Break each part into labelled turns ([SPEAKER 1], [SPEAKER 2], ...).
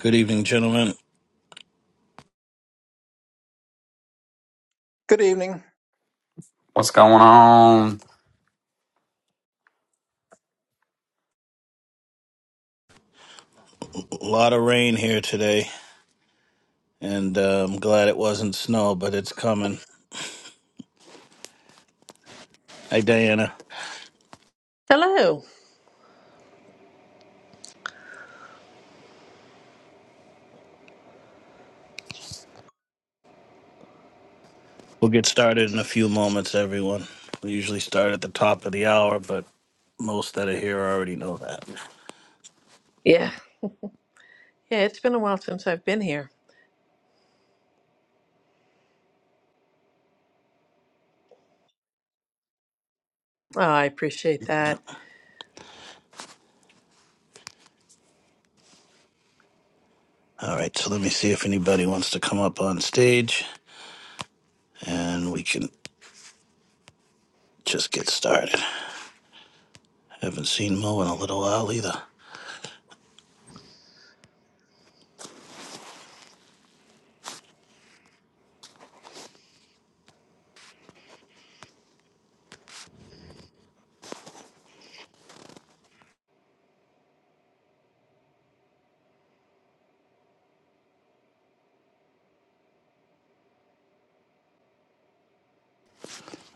[SPEAKER 1] Good evening, gentlemen.
[SPEAKER 2] Good evening.
[SPEAKER 3] What's going on?
[SPEAKER 1] A lot of rain here today, and uh, I'm glad it wasn't snow, but it's coming. Hey, Diana.
[SPEAKER 4] Hello.
[SPEAKER 1] We'll get started in a few moments, everyone. We usually start at the top of the hour, but most that are here already know that.
[SPEAKER 4] Yeah. Yeah, it's been a while since I've been here. Oh, I appreciate that.
[SPEAKER 1] All right, so let me see if anybody wants to come up on stage, and we can just get started. Haven't seen Mo in a little while either.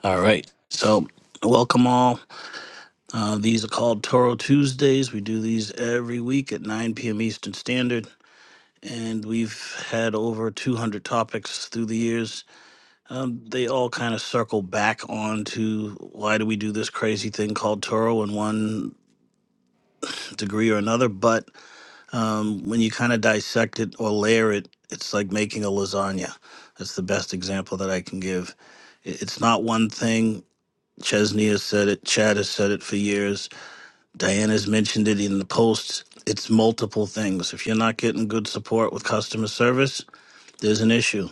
[SPEAKER 1] All right, so welcome all. Uh, these are called Toro Tuesdays. We do these every week at 9 p.m. Eastern Standard. and we've had over 200 topics through the years. Um, they all kind of circle back on to why do we do this crazy thing called Toro in one degree or another. But um, when you kind of dissect it or layer it, it's like making a lasagna. That's the best example that I can give. I- It's not one thing. Chesney has said it. Chad has said it for years. Diana's mentioned it in the posts. It's multiple things. If you're not getting good support with customer service, there's an issue.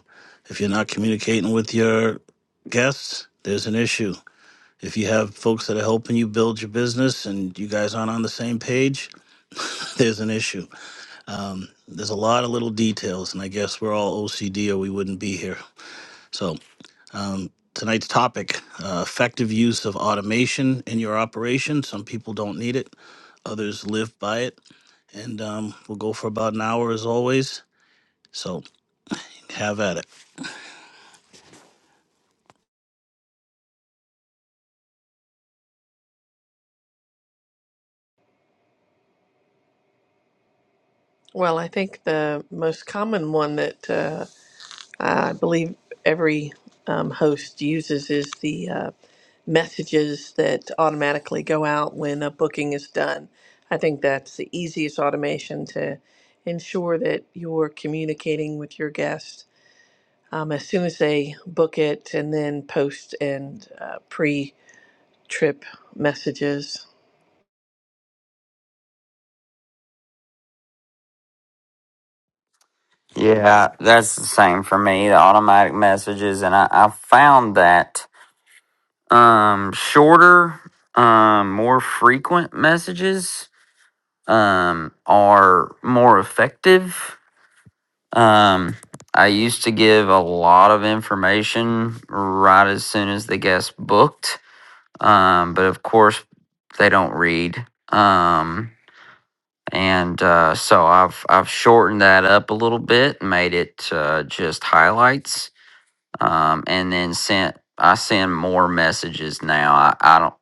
[SPEAKER 1] If you're not communicating with your guests, there's an issue. If you have folks that are helping you build your business and you guys aren't on the same page, there's an issue. Um, there's a lot of little details, and I guess we're all OCD or we wouldn't be here. So, um, tonight's topic uh, effective use of automation in your operation. Some people don't need it, others live by it. And um, we'll go for about an hour as always. So, have at it.
[SPEAKER 4] Well, I think the most common one that uh, I believe every um, host uses is the uh, messages that automatically go out when a booking is done. I think that's the easiest automation to ensure that you're communicating with your guests um, as soon as they book it and then post and uh, pre trip messages.
[SPEAKER 3] Yeah, that's the same for me, the automatic messages. And I, I found that um, shorter, um, more frequent messages um, are more effective. Um, I used to give a lot of information right as soon as the guest booked, um, but of course, they don't read. Um, and uh, so I've I've shortened that up a little bit, made it uh, just highlights, um, and then sent I send more messages now. I, I don't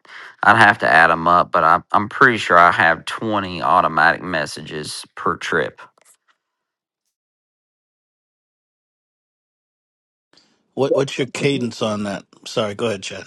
[SPEAKER 3] I'd have to add them up, but I, I'm pretty sure I have 20 automatic messages per trip.
[SPEAKER 1] What what's your cadence on that? Sorry, go ahead, Chad.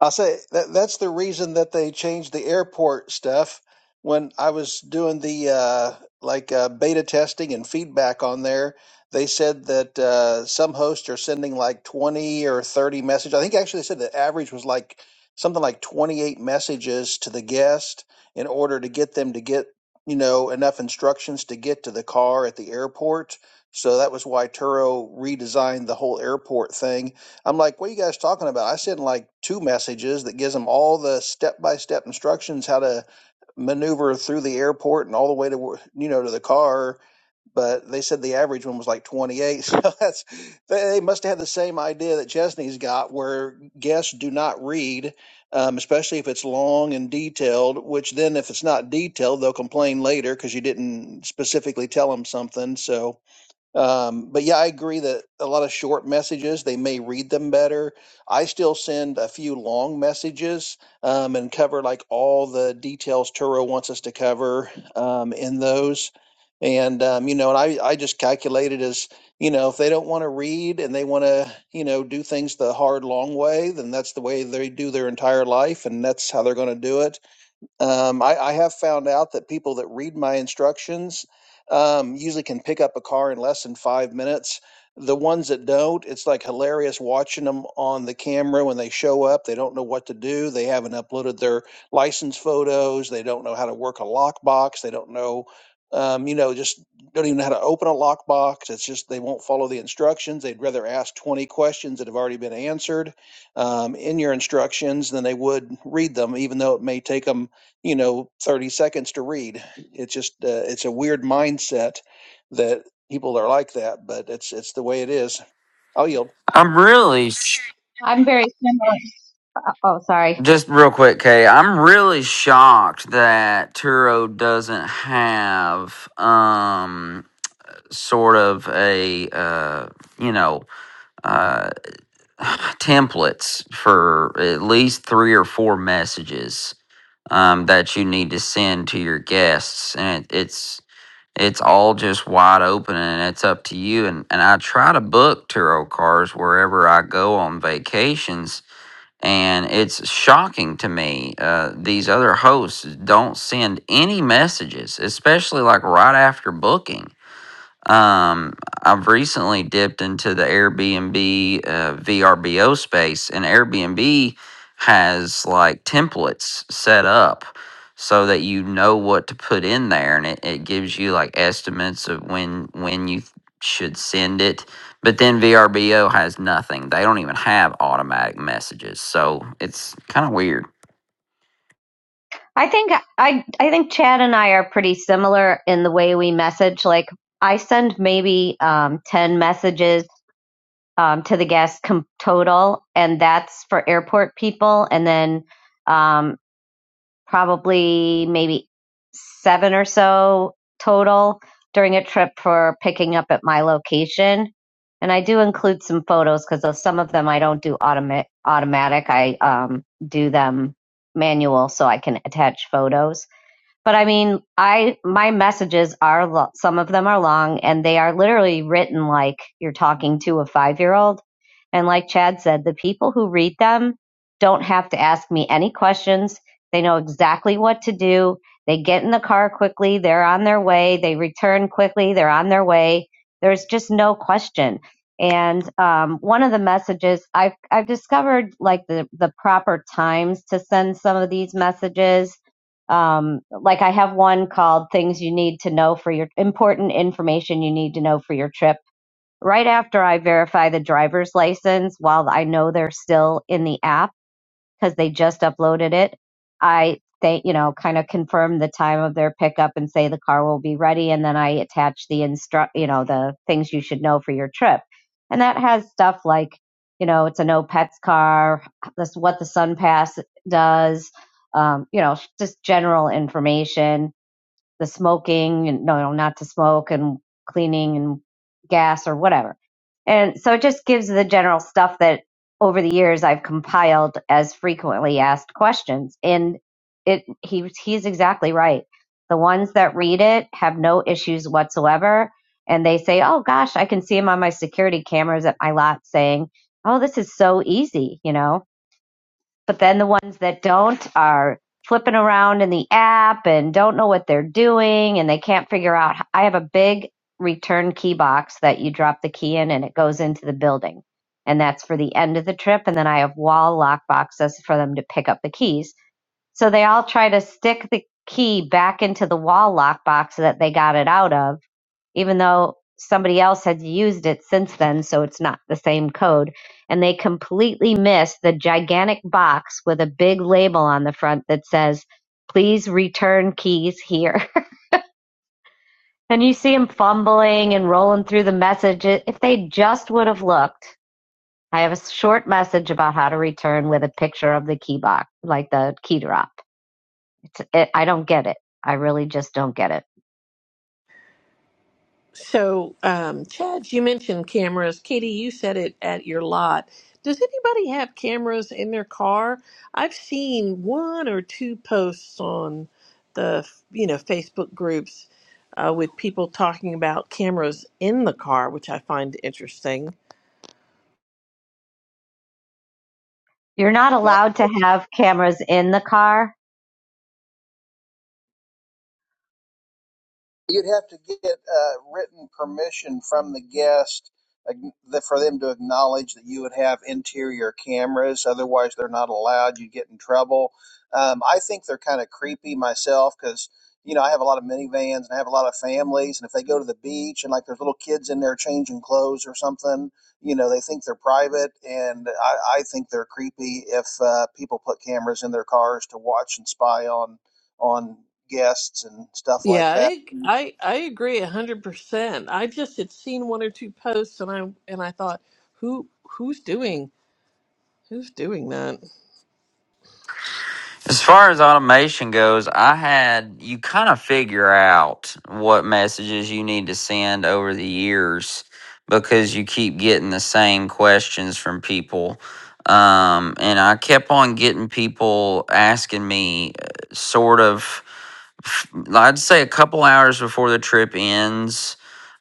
[SPEAKER 2] I'll say that that's the reason that they changed the airport stuff. When I was doing the uh, like uh, beta testing and feedback on there, they said that uh, some hosts are sending like twenty or thirty messages. I think actually they said the average was like something like twenty eight messages to the guest in order to get them to get you know enough instructions to get to the car at the airport. So that was why Turo redesigned the whole airport thing I'm like, what are you guys talking about? I sent like two messages that gives them all the step by step instructions how to maneuver through the airport and all the way to you know to the car. But they said the average one was like 28. So that's they they must have had the same idea that Chesney's got, where guests do not read, um, especially if it's long and detailed. Which then, if it's not detailed, they'll complain later because you didn't specifically tell them something. So um, but yeah, I agree that a lot of short messages, they may read them better. I still send a few long messages um, and cover like all the details Turo wants us to cover um, in those. And, um, you know, and I, I just calculated as, you know, if they don't want to read and they want to, you know, do things the hard, long way, then that's the way they do their entire life and that's how they're going to do it um, I, I have found out that people that read my instructions um, usually can pick up a car in less than five minutes. The ones that don't, it's like hilarious watching them on the camera when they show up. They don't know what to do. They haven't uploaded their license photos. They don't know how to work a lockbox. They don't know, um, you know, just don't even know how to open a lockbox. It's just they won't follow the instructions. They'd rather ask 20 questions that have already been answered um, in your instructions than they would read them, even though it may take them you know 30 seconds to read it's just uh, it's a weird mindset that people are like that but it's it's the way it is i'll yield
[SPEAKER 3] I'm really sh-
[SPEAKER 5] I'm very similar. Oh, sorry.
[SPEAKER 3] just real quick, Kay. I'm really shocked that Turo doesn't have um sort of a uh you know uh, templates for at least three or four messages um, that you need to send to your guests, and it, it's it's all just wide open, and it's up to you. And and I try to book tarot cards wherever I go on vacations, and it's shocking to me uh, these other hosts don't send any messages, especially like right after booking um, I've recently dipped into the Airbnb uh, VRBO space, and Airbnb has like templates set up so that you know what to put in there, and it, it gives you like estimates of when when you should send it. But then VRBO has nothing; they don't even have automatic messages, so it's kind of weird.
[SPEAKER 5] I think I I think Chad and I are pretty similar in the way we message. Like I send maybe um, ten messages um, to the guests com- total, and that's for airport people. And then um, probably maybe seven or so total during a trip for picking up at my location. And I do include some photos because some of them I don't do automa- automatic. I um, do them manual so I can attach photos. But I mean, I my messages are lo- some of them are long and they are literally written like you're talking to a 5-year-old. And like Chad said, the people who read them don't have to ask me any questions. They know exactly what to do. They get in the car quickly, they're on their way, they return quickly, they're on their way. There's just no question. And um, one of the messages I've I've discovered like the the proper times to send some of these messages um, like I have one called Things You Need to Know for Your Important Information You Need to Know for Your Trip. Right after I verify the driver's license, while I know they're still in the app, because they just uploaded it. I they you know kind of confirm the time of their pickup and say the car will be ready, and then I attach the instruct you know the things you should know for your trip, and that has stuff like you know it's a no pets car, this what the sun pass does, um, you know just general information the smoking and no, no, not to smoke and cleaning and gas or whatever. And so it just gives the general stuff that over the years I've compiled as frequently asked questions. And it he he's exactly right. The ones that read it have no issues whatsoever. And they say, oh gosh, I can see him on my security cameras at my lot saying, oh, this is so easy, you know? But then the ones that don't are flipping around in the app and don't know what they're doing and they can't figure out. I have a big return key box that you drop the key in and it goes into the building. And that's for the end of the trip. And then I have wall lock boxes for them to pick up the keys. So they all try to stick the key back into the wall lock box that they got it out of even though somebody else has used it since then, so it's not the same code. And they completely missed the gigantic box with a big label on the front that says, please return keys here. And you see them fumbling and rolling through the message. If they just would have looked, I have a short message about how to return with a picture of the key box, like the key drop. It's, it, I don't get it. I really just don't get it.
[SPEAKER 4] So, um, Chad, you mentioned cameras. Katie, you said it at your lot. Does anybody have cameras in their car? I've seen one or two posts on the, you know, Facebook groups uh, with people talking about cameras in the car, which I find interesting.
[SPEAKER 5] You're not allowed to have cameras in the car.
[SPEAKER 2] You'd have to get uh, written permission from the guest uh, for them to acknowledge that you would have interior cameras. Otherwise, they're not allowed. You'd get in trouble. Um, I think they're kind of creepy myself because, you know, I have a lot of minivans and I have a lot of families. And if they go to the beach and like there's little kids in there changing clothes or something, you know, they think they're private. And I, I think they're creepy if uh, people put cameras in their cars to watch and spy on on guests and stuff like
[SPEAKER 4] Yeah,
[SPEAKER 2] that.
[SPEAKER 4] I I, I agree a hundred percent. I just had seen one or two posts, and I and I thought, who who's doing who's doing that?
[SPEAKER 3] As far as automation goes, I had you kind of figure out what messages you need to send over the years because you keep getting the same questions from people. Um, and I kept on getting people asking me uh, sort of f- I'd say a couple hours before the trip ends.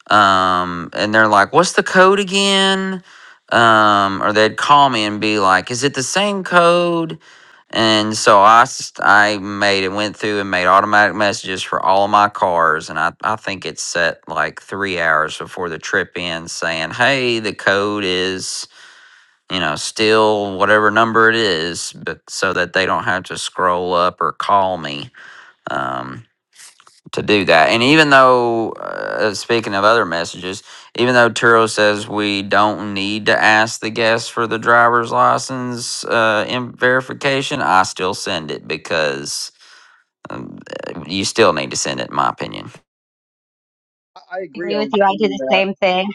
[SPEAKER 3] Um, and they're like, what's the code again? Um, or they'd call me and be like, is it the same code? And so I, s- I made it went through and made automatic messages for all of my cars. And I, I think it's set like three hours before the trip ends saying, hey, the code is, you know, still whatever number it is, but so that they don't have to scroll up or call me. Um, to do that. And even though, uh, speaking of other messages, even though Turo says we don't need to ask the guest for the driver's license uh, in verification, I still send it because um, uh, you still need to send it, in my opinion.
[SPEAKER 2] I, I
[SPEAKER 5] I
[SPEAKER 2] agree
[SPEAKER 5] agree with
[SPEAKER 2] on
[SPEAKER 5] you. I do
[SPEAKER 2] saying
[SPEAKER 5] the
[SPEAKER 2] that.
[SPEAKER 5] same thing.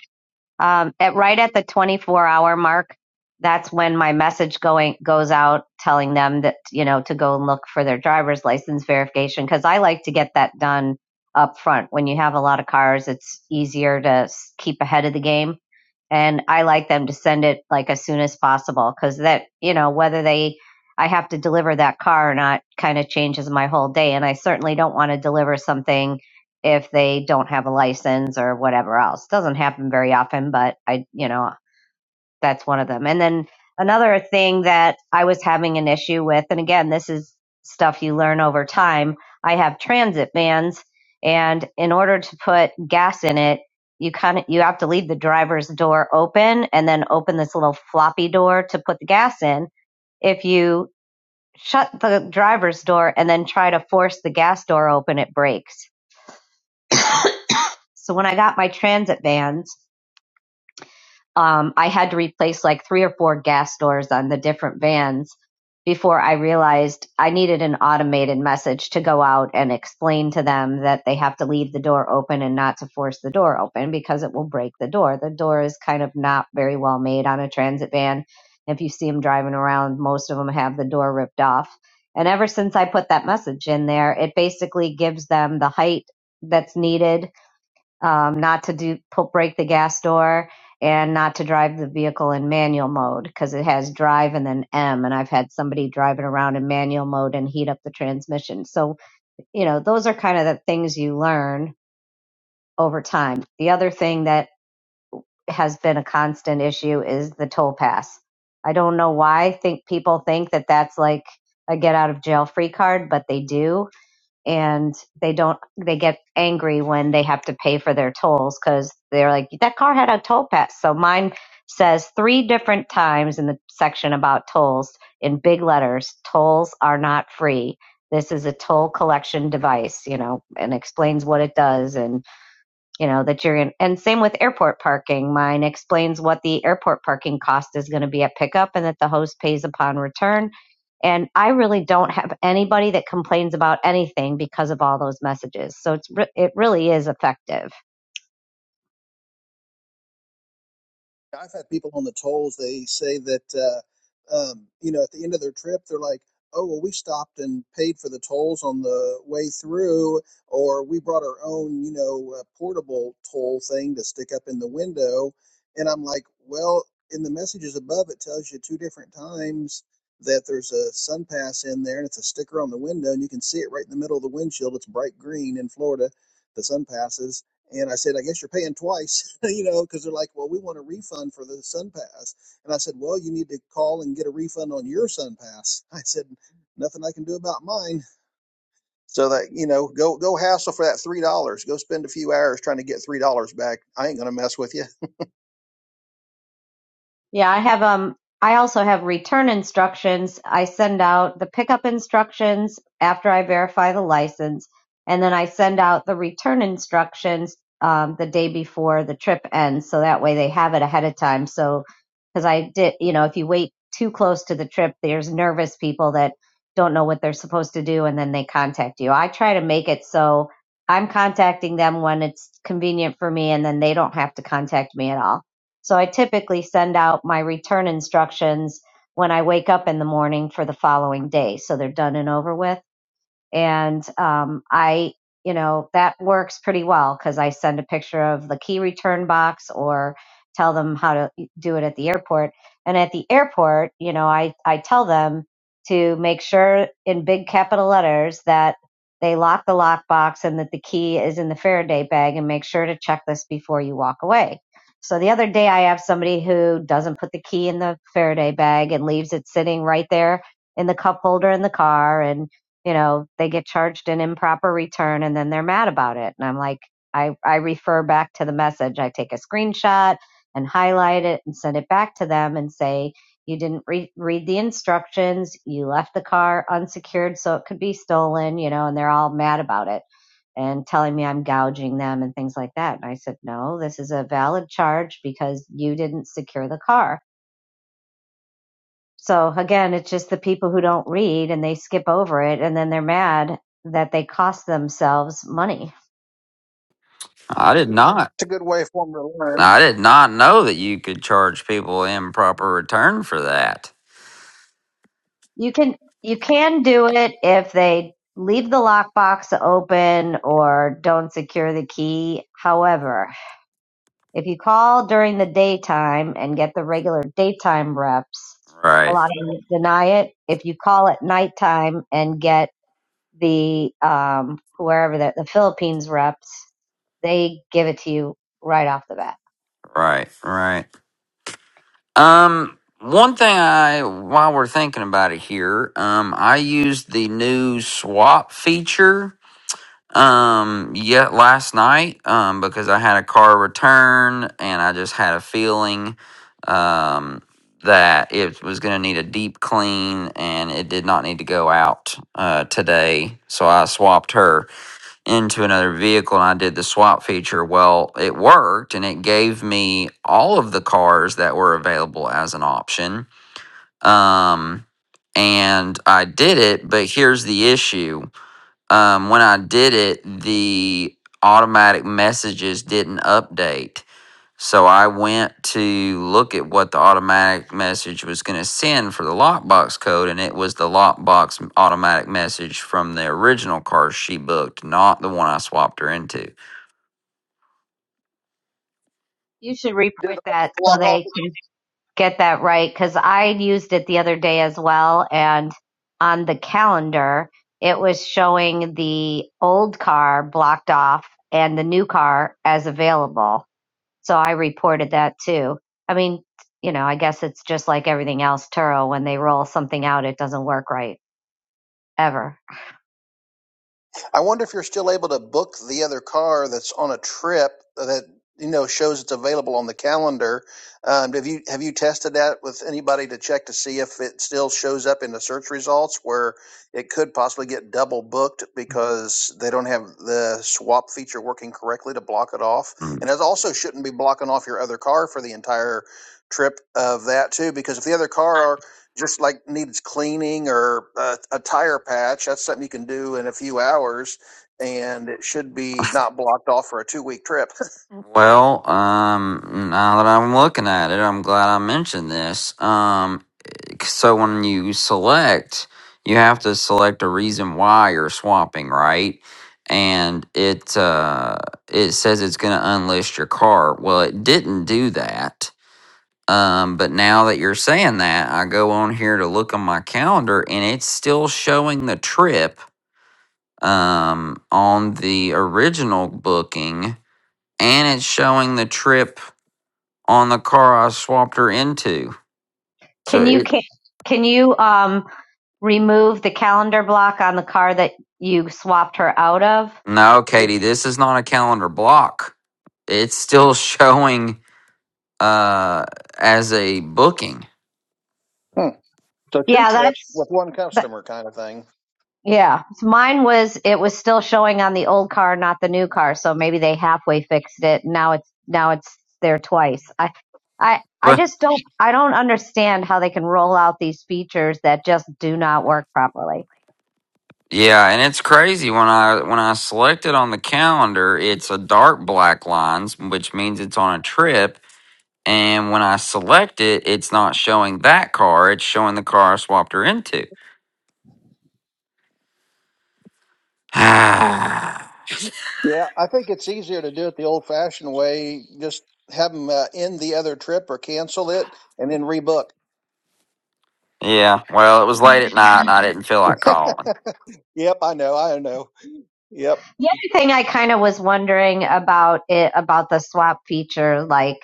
[SPEAKER 5] Um, at right at the 24 hour mark, that's when my message going goes out telling them that you know to go and look for their driver's license verification because I like to get that done up front. When you have a lot of cars, it's easier to keep ahead of the game, and I like them to send it like as soon as possible because that you know whether they I have to deliver that car or not kind of changes my whole day, and I certainly don't want to deliver something if they don't have a license or whatever else. Doesn't happen very often, but I, you know, that's one of them. And then another thing that I was having an issue with, and again, this is stuff you learn over time. I have transit vans, and in order to put gas in it, you kind of you have to leave the driver's door open and then open this little floppy door to put the gas in. If you shut the driver's door and then try to force the gas door open, it breaks So when I got my transit vans, um, I had to replace like three or four gas doors on the different vans before I realized I needed an automated message to go out and explain to them that they have to leave the door open and not to force the door open because it will break the door. The door is kind of not very well made on a transit van. If you see them driving around, most of them have the door ripped off. And ever since I put that message in there, it basically gives them the height that's needed um, not to do pull, break the gas door and not to drive the vehicle in manual mode because it has drive and then M. And I've had somebody driving around in manual mode and heat up the transmission. So, you know, those are kind of the things you learn over time. The other thing that has been a constant issue is the toll pass. I don't know why I think people think that that's like a get out of jail free card, but they do and they don't they get angry when they have to pay for their tolls because they're like that car had a toll pass so mine says three different times in the section about tolls in big letters tolls are not free this is a toll collection device you know and explains what it does and you know that you're in and same with airport parking mine explains what the airport parking cost is going to be at pickup and that the host pays upon return and i really don't have anybody that complains about anything because of all those messages so it's re- it really is effective
[SPEAKER 2] I've had people on the tolls. They say that uh, um, you know at the end of their trip, they're like, "Oh, well, we stopped and paid for the tolls on the way through, or we brought our own, you know, uh, portable toll thing to stick up in the window." And I'm like, "Well, in the messages above, it tells you two different times." That there's a sun pass in there and it's a sticker on the window and you can see it right in the middle of the windshield. It's bright green in Florida, the sun passes And I said, I guess you're paying twice, you know, because they're like, well, we want a refund for the Sun Pass. And I said, well, you need to call and get a refund on your Sun Pass. I said, nothing I can do about mine. So that you know, go go hassle for that three dollars. Go spend a few hours trying to get three dollars back. I ain't gonna mess with you.
[SPEAKER 5] Yeah, I have um I also have return instructions. I send out the pickup instructions after I verify the license, and then I send out the return instructions um, the day before the trip ends, so that way they have it ahead of time. So, because I did, you know, if you wait too close to the trip, there's nervous people that don't know what they're supposed to do, and then they contact you. I try to make it so I'm contacting them when it's convenient for me, and then they don't have to contact me at all. So I typically send out my return instructions when I wake up in the morning for the following day. So they're done and over with and um, I, you know, that works pretty well because I send a picture of the key return box or tell them how to e, do it at the airport. And at the airport, you know, I, I tell them to make sure in big capital letters that they lock the lockbox and that the key is in the Faraday bag and make sure to check this before you walk away. So the other day I have somebody who doesn't put the key in the Faraday bag and leaves it sitting right there in the cup holder in the car and you know, they get charged an improper return and then they're mad about it. And I'm like, I, I refer back to the message. I take a screenshot and highlight it and send it back to them and say, you didn't re- read the instructions. You left the car unsecured so it could be stolen, you know, and they're all mad about it and telling me I'm gouging them and things like that. And I said, no, this is a valid charge because you didn't secure the car so again, it's just the people who don't read and they skip over it and then they're mad that they cost themselves money.
[SPEAKER 3] I did not.
[SPEAKER 2] It's a good way for them to learn.
[SPEAKER 3] I did not know that you could charge people improper return for that.
[SPEAKER 5] You can you can do it if they leave the lockbox open or don't secure the key. However, if you call during the daytime and get the regular daytime reps, a
[SPEAKER 3] Right,
[SPEAKER 5] lot of them deny it. If you call at nighttime and get the um wherever the, the Philippines reps, they give it to you right off the bat.
[SPEAKER 3] right, right. Um, one thing I, while we're thinking about it here, um, I used the new swap feature, um, yet last night, um, because I had a car return and I just had a feeling, um, that it was going to need a deep clean and it did not need to go out, uh, today. So I swapped her into another vehicle and I did the swap feature. Well, it worked and it gave me all of the cars that were available as an option. Um, and I did it, but here's the issue. Um, when I did it, the automatic messages didn't update. So I went to look at what the automatic message was going to send for the lockbox code, and it was the lockbox automatic message from the original car she booked, not the one I swapped her into.
[SPEAKER 5] You should
[SPEAKER 2] Did it
[SPEAKER 5] report
[SPEAKER 2] also
[SPEAKER 5] that so
[SPEAKER 2] block off?
[SPEAKER 5] they can get that right because I used it the other day as well. And on the calendar, it was showing the old car blocked off and the new car as available. So I reported that too. I mean, you know, I guess it's just like everything else, Turo, when they roll something out, it doesn't work right ever.
[SPEAKER 2] I wonder if you're still able to book the other car that's on a trip that you know shows it's available on the calendar. Um, have you have you tested that with anybody to check to see if it still shows up in the search results where it could possibly get double booked because they don't have the swap feature working correctly to block it off,
[SPEAKER 3] Mm.
[SPEAKER 2] and it also shouldn't be blocking off your other car for the entire trip of that too because if the other car just like needs cleaning or a, a tire patch, that's something you can do in a few hours, and it should be not blocked off for a two week trip.
[SPEAKER 3] Well, um, now that I'm looking at it, I'm glad I mentioned this. Um, so when you select, you have to select a reason why you're swapping, right? And it uh, it says it's going to unlist your car. Well, it didn't do that. Um, but now that you're saying that, I go on here to look on my calendar, and it's still showing the trip um, on the original booking, and it's showing the trip on the car I swapped her into. So
[SPEAKER 5] Can
[SPEAKER 3] it
[SPEAKER 5] you can, can you um remove the calendar block on the car that you swapped her out of?
[SPEAKER 3] No, Katie, this is not a calendar block. It's still showing uh as a booking.
[SPEAKER 2] Hmm. So two
[SPEAKER 5] Yeah,
[SPEAKER 2] trip with
[SPEAKER 5] that's
[SPEAKER 2] one
[SPEAKER 5] that,
[SPEAKER 2] customer kind of thing.
[SPEAKER 5] yeah. So Mine was it was still showing on the old car, not the new car. So maybe they halfway fixed it. Now it's now it's there twice. I I I
[SPEAKER 3] But
[SPEAKER 5] just don't I don't understand how they can roll out these features that just do not work properly.
[SPEAKER 3] yeah, and it's crazy when I when I select it on the calendar, it's a dark black lines, which means it's on a trip. And when I select it, it's not showing that car, it's showing the car I swapped her into. yeah,
[SPEAKER 2] Yeah, I think it's easier to do it the old fashioned way. Just have them uh, end the other trip or cancel it, and then rebook.
[SPEAKER 3] well, it was late at night and I didn't feel like calling.
[SPEAKER 2] Yep, I know, I know. Yep.
[SPEAKER 5] The other thing I kind of was wondering about it about the swap feature, like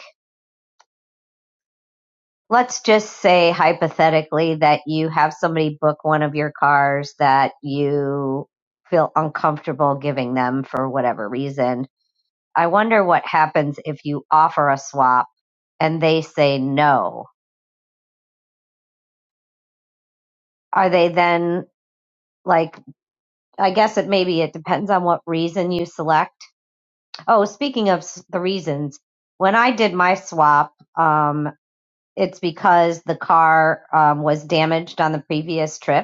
[SPEAKER 5] let's just say hypothetically that you have somebody book one of your cars that you feel uncomfortable giving them for whatever reason. I wonder what happens if you offer a swap and they say no. Are they then like, I guess it maybe it depends on what reason you select. Oh, speaking of s- the reasons, when I did my swap, um, it's because the car um, was damaged on the previous trip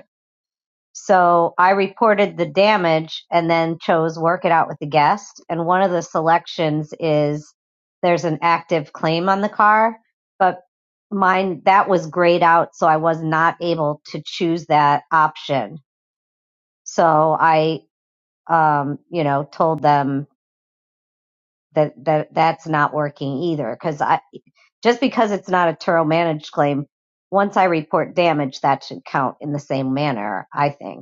[SPEAKER 5] So I reported the damage and then chose work it out with the guest. And one of the selections is there's an active claim on the car, but mine that was grayed out, so I was not able to choose that option. So I, um, you know, told them that that that's not working either because I just because it's not a Turo managed claim. Once I report damage, that should count in the same manner, I think.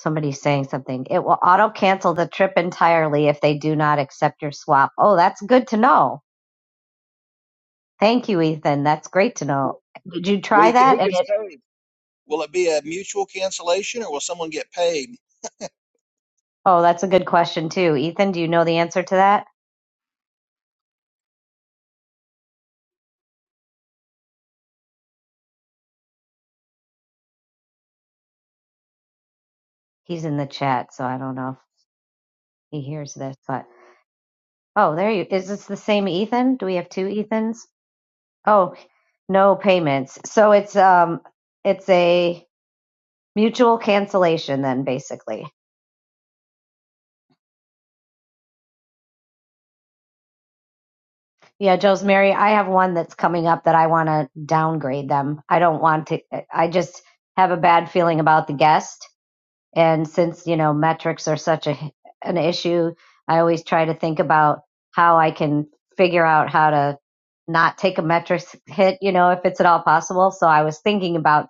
[SPEAKER 5] Somebody's saying something. It will auto cancel the trip entirely if they do not accept your swap. Oh, that's good to know. Thank you, Ethan. That's great to know. Did you try
[SPEAKER 2] We
[SPEAKER 5] that?
[SPEAKER 2] who
[SPEAKER 5] And
[SPEAKER 2] gets
[SPEAKER 5] it,
[SPEAKER 2] paid? Will it be a mutual cancellation, or will someone get paid?
[SPEAKER 5] oh, that's a good question too, Ethan. Do you know the answer to that? He's in the chat, so I don't know if he hears this. But oh, there you is. This the same Ethan? Do we have two Ethans? Oh, no payments. So it's um, it's a mutual cancellation then, basically. Yeah, Joe's Mary, I have one that's coming up that I want to downgrade them. I don't want to, I just have a bad feeling about the guest. And since, you know, metrics are such a, an issue, I always try to think about how I can figure out how to not take a metrics hit, you know, if it's at all possible. So I was thinking about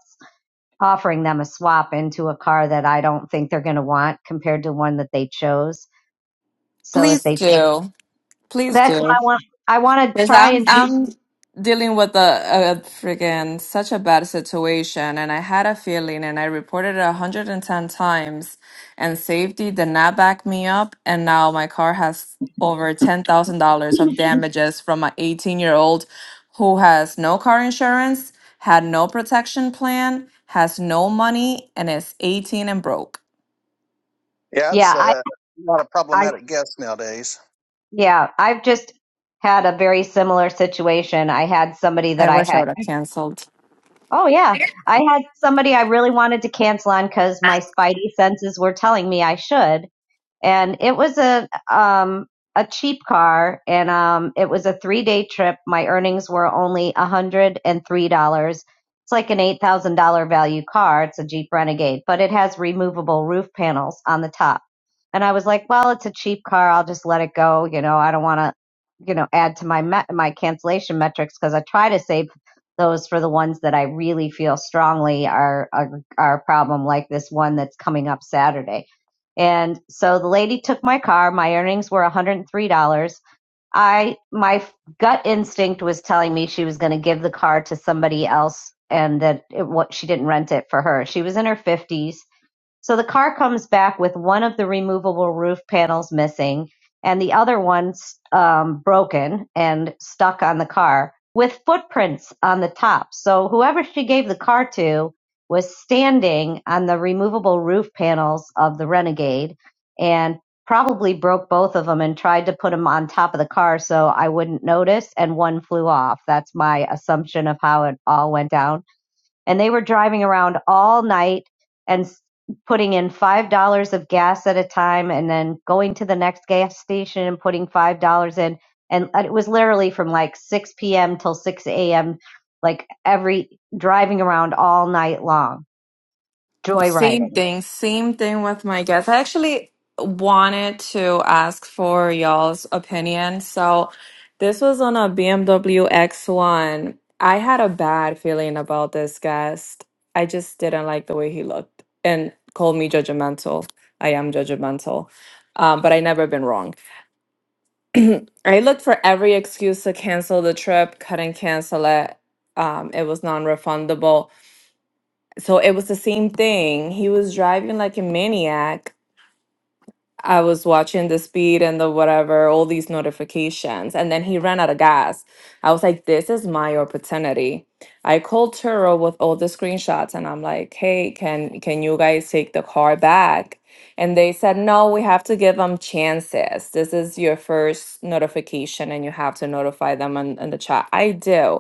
[SPEAKER 5] offering them a swap into a car that I don't think they're going to want compared to one that they chose. So if
[SPEAKER 6] Please
[SPEAKER 5] they,
[SPEAKER 6] do. Please
[SPEAKER 5] that's what
[SPEAKER 6] do.
[SPEAKER 5] I want. I want to
[SPEAKER 6] Because
[SPEAKER 5] try
[SPEAKER 6] I'm
[SPEAKER 5] and do.
[SPEAKER 6] I'm dealing with a, a freaking such a bad situation and I had a feeling and I reported it 110 times and safety did not back me up and now my car has over $10,000 of damages from an 18-year-old who has no car insurance, had no protection plan, has no money and is 18 and broke.
[SPEAKER 2] Yeah, it's
[SPEAKER 5] Yeah, I.
[SPEAKER 2] a not a
[SPEAKER 5] I.
[SPEAKER 2] problematic guess nowadays.
[SPEAKER 5] Yeah, I've just had a very similar situation. I had somebody that
[SPEAKER 6] I
[SPEAKER 5] I
[SPEAKER 6] wish I
[SPEAKER 5] had,
[SPEAKER 6] would have canceled.
[SPEAKER 5] oh, yeah, I had somebody I really wanted to cancel on because my spidey senses were telling me I should and it was a um a cheap car and um it was a three day trip my earnings were only a hundred and three dollars it's like an eight thousand dollar value car it's a jeep renegade but it has removable roof panels on the top and i was like well it's a cheap car i'll just let it go you know i don't want to you know add to my met- my cancellation metrics because i try to save those for the ones that i really feel strongly are, are are a problem like this one that's coming up saturday and so the lady took my car. My earnings were $103. I my gut instinct was telling me she was going to give the car to somebody else and that it, what she didn't rent it for her. She was in her 50s so the car comes back with one of the removable roof panels missing and the other one um, broken and stuck on the car with footprints on the top. So whoever she gave the car to was standing on the removable roof panels of the Renegade and probably broke both of them and tried to put them on top of the car so I wouldn't notice and one flew off. That's my assumption of how it all went down and they were driving around all night and putting in five dollars of gas at a time and then going to the next gas station and putting five dollars in and it was literally from like 6 p.m till 6 a.m like every driving around all night long
[SPEAKER 6] Same
[SPEAKER 5] joyriding
[SPEAKER 6] thing, same thing with my guest. I actually wanted to ask for y'all's opinion. So, this was on a BMW X1. I had a bad feeling about this guest. I just didn't like the way he looked and called me judgmental. I am judgmental, um, but I never been wrong. I looked for every excuse to cancel the trip, couldn't cancel it. Um, it was non-refundable. So it was the same thing. He was driving like a maniac I was watching the speed and the whatever, all these notifications. And then he ran out of gas. I was like, this is my opportunity. I called Turo with all the screenshots and I'm like, hey, can can you guys take the car back? And they said, no, we have to give them chances. This is your first notification and you have to notify them on, on the chat. I do.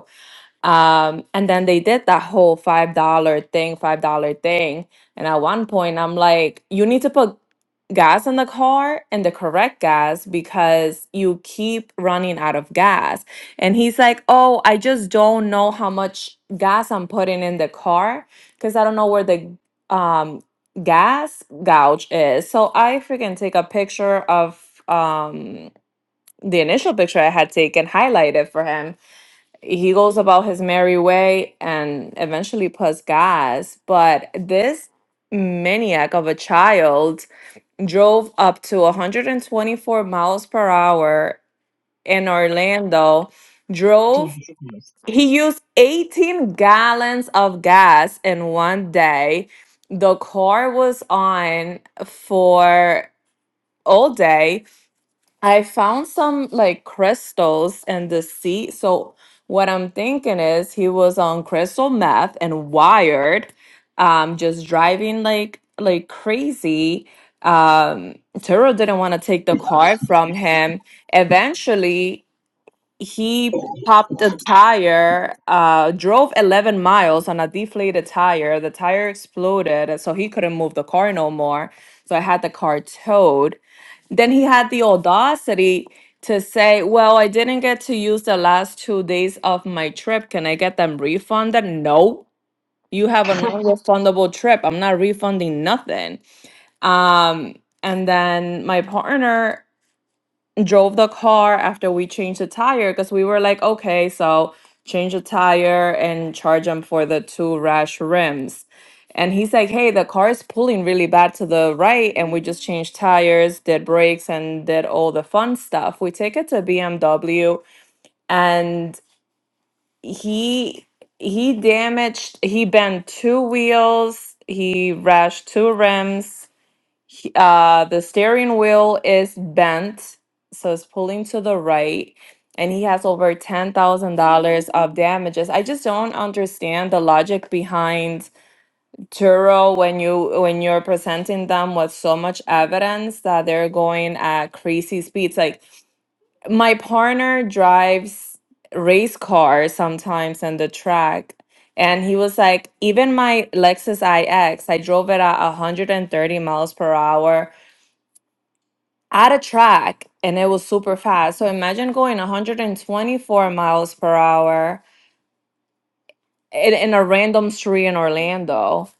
[SPEAKER 6] Um, and then they did that whole five dollar thing, five dollar thing. And at one point, I'm like, you need to put gas in the car and the correct gas because you keep running out of gas. And he's like, oh, I just don't know how much gas I'm putting in the car because I don't know where the um gas gouge is. So I freaking take a picture of um the initial picture I had taken, highlight it for him he goes about his merry way and eventually puts gas. But this maniac of a child drove up to 124 miles per hour in Orlando, drove,
[SPEAKER 5] jesus christ
[SPEAKER 6] he used 18 gallons of gas in one day. The car was on for all day I found some like crystals in the sea. So what I'm thinking is he was on crystal meth and wired, um, just driving like like crazy. Um, Turo didn't want to take the car from him. Eventually, he popped a tire, uh, drove 11 miles on a deflated tire. The tire exploded, and so he couldn't move the car no more. So I had the car towed then he had the audacity to say, Well, I didn't get to use the last two days of my trip. Can I get them refunded? No, you have a non refundable trip. I'm not refunding nothing. Um, and then my partner drove the car after we changed the tire because we were like, okay, so change the tire and charge him for the two rash rims. And he's like, hey, the car is pulling really bad to the right, and we just changed tires, did brakes, and did all the fun stuff. We take it to BMW, and he he damaged he bent two wheels he rashed two rims he- uh, the steering wheel is bent, so it's pulling to the right, and he has over ten thousand dollars of damages. I just don't understand the logic behind Turo when you when you're presenting them with so much evidence that they're going at crazy speeds. Like my partner drives race cars sometimes on the track. And he was like, even my Lexus IX, I drove it at 130 miles per hour at a track and it was super fast. So imagine going 124 miles per hour in, in a random street in Orlando.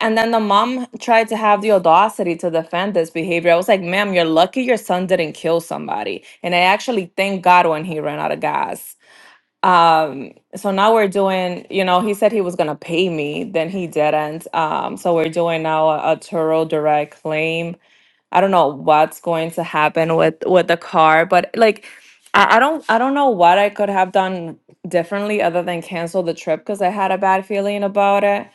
[SPEAKER 6] And then the mom tried to have the audacity to defend this behavior. I was like, ma'am, you're lucky your son didn't kill somebody. And I actually thank God when he ran out of gas. Um, so now we're doing, you know, he said he was gonna pay me, then he didn't. Um, so we're doing now a, a Turo direct claim I don't know what's going to happen with with the car, but like I, I don't I don't know what I could have done differently other than cancel the trip because I had a bad feeling about it.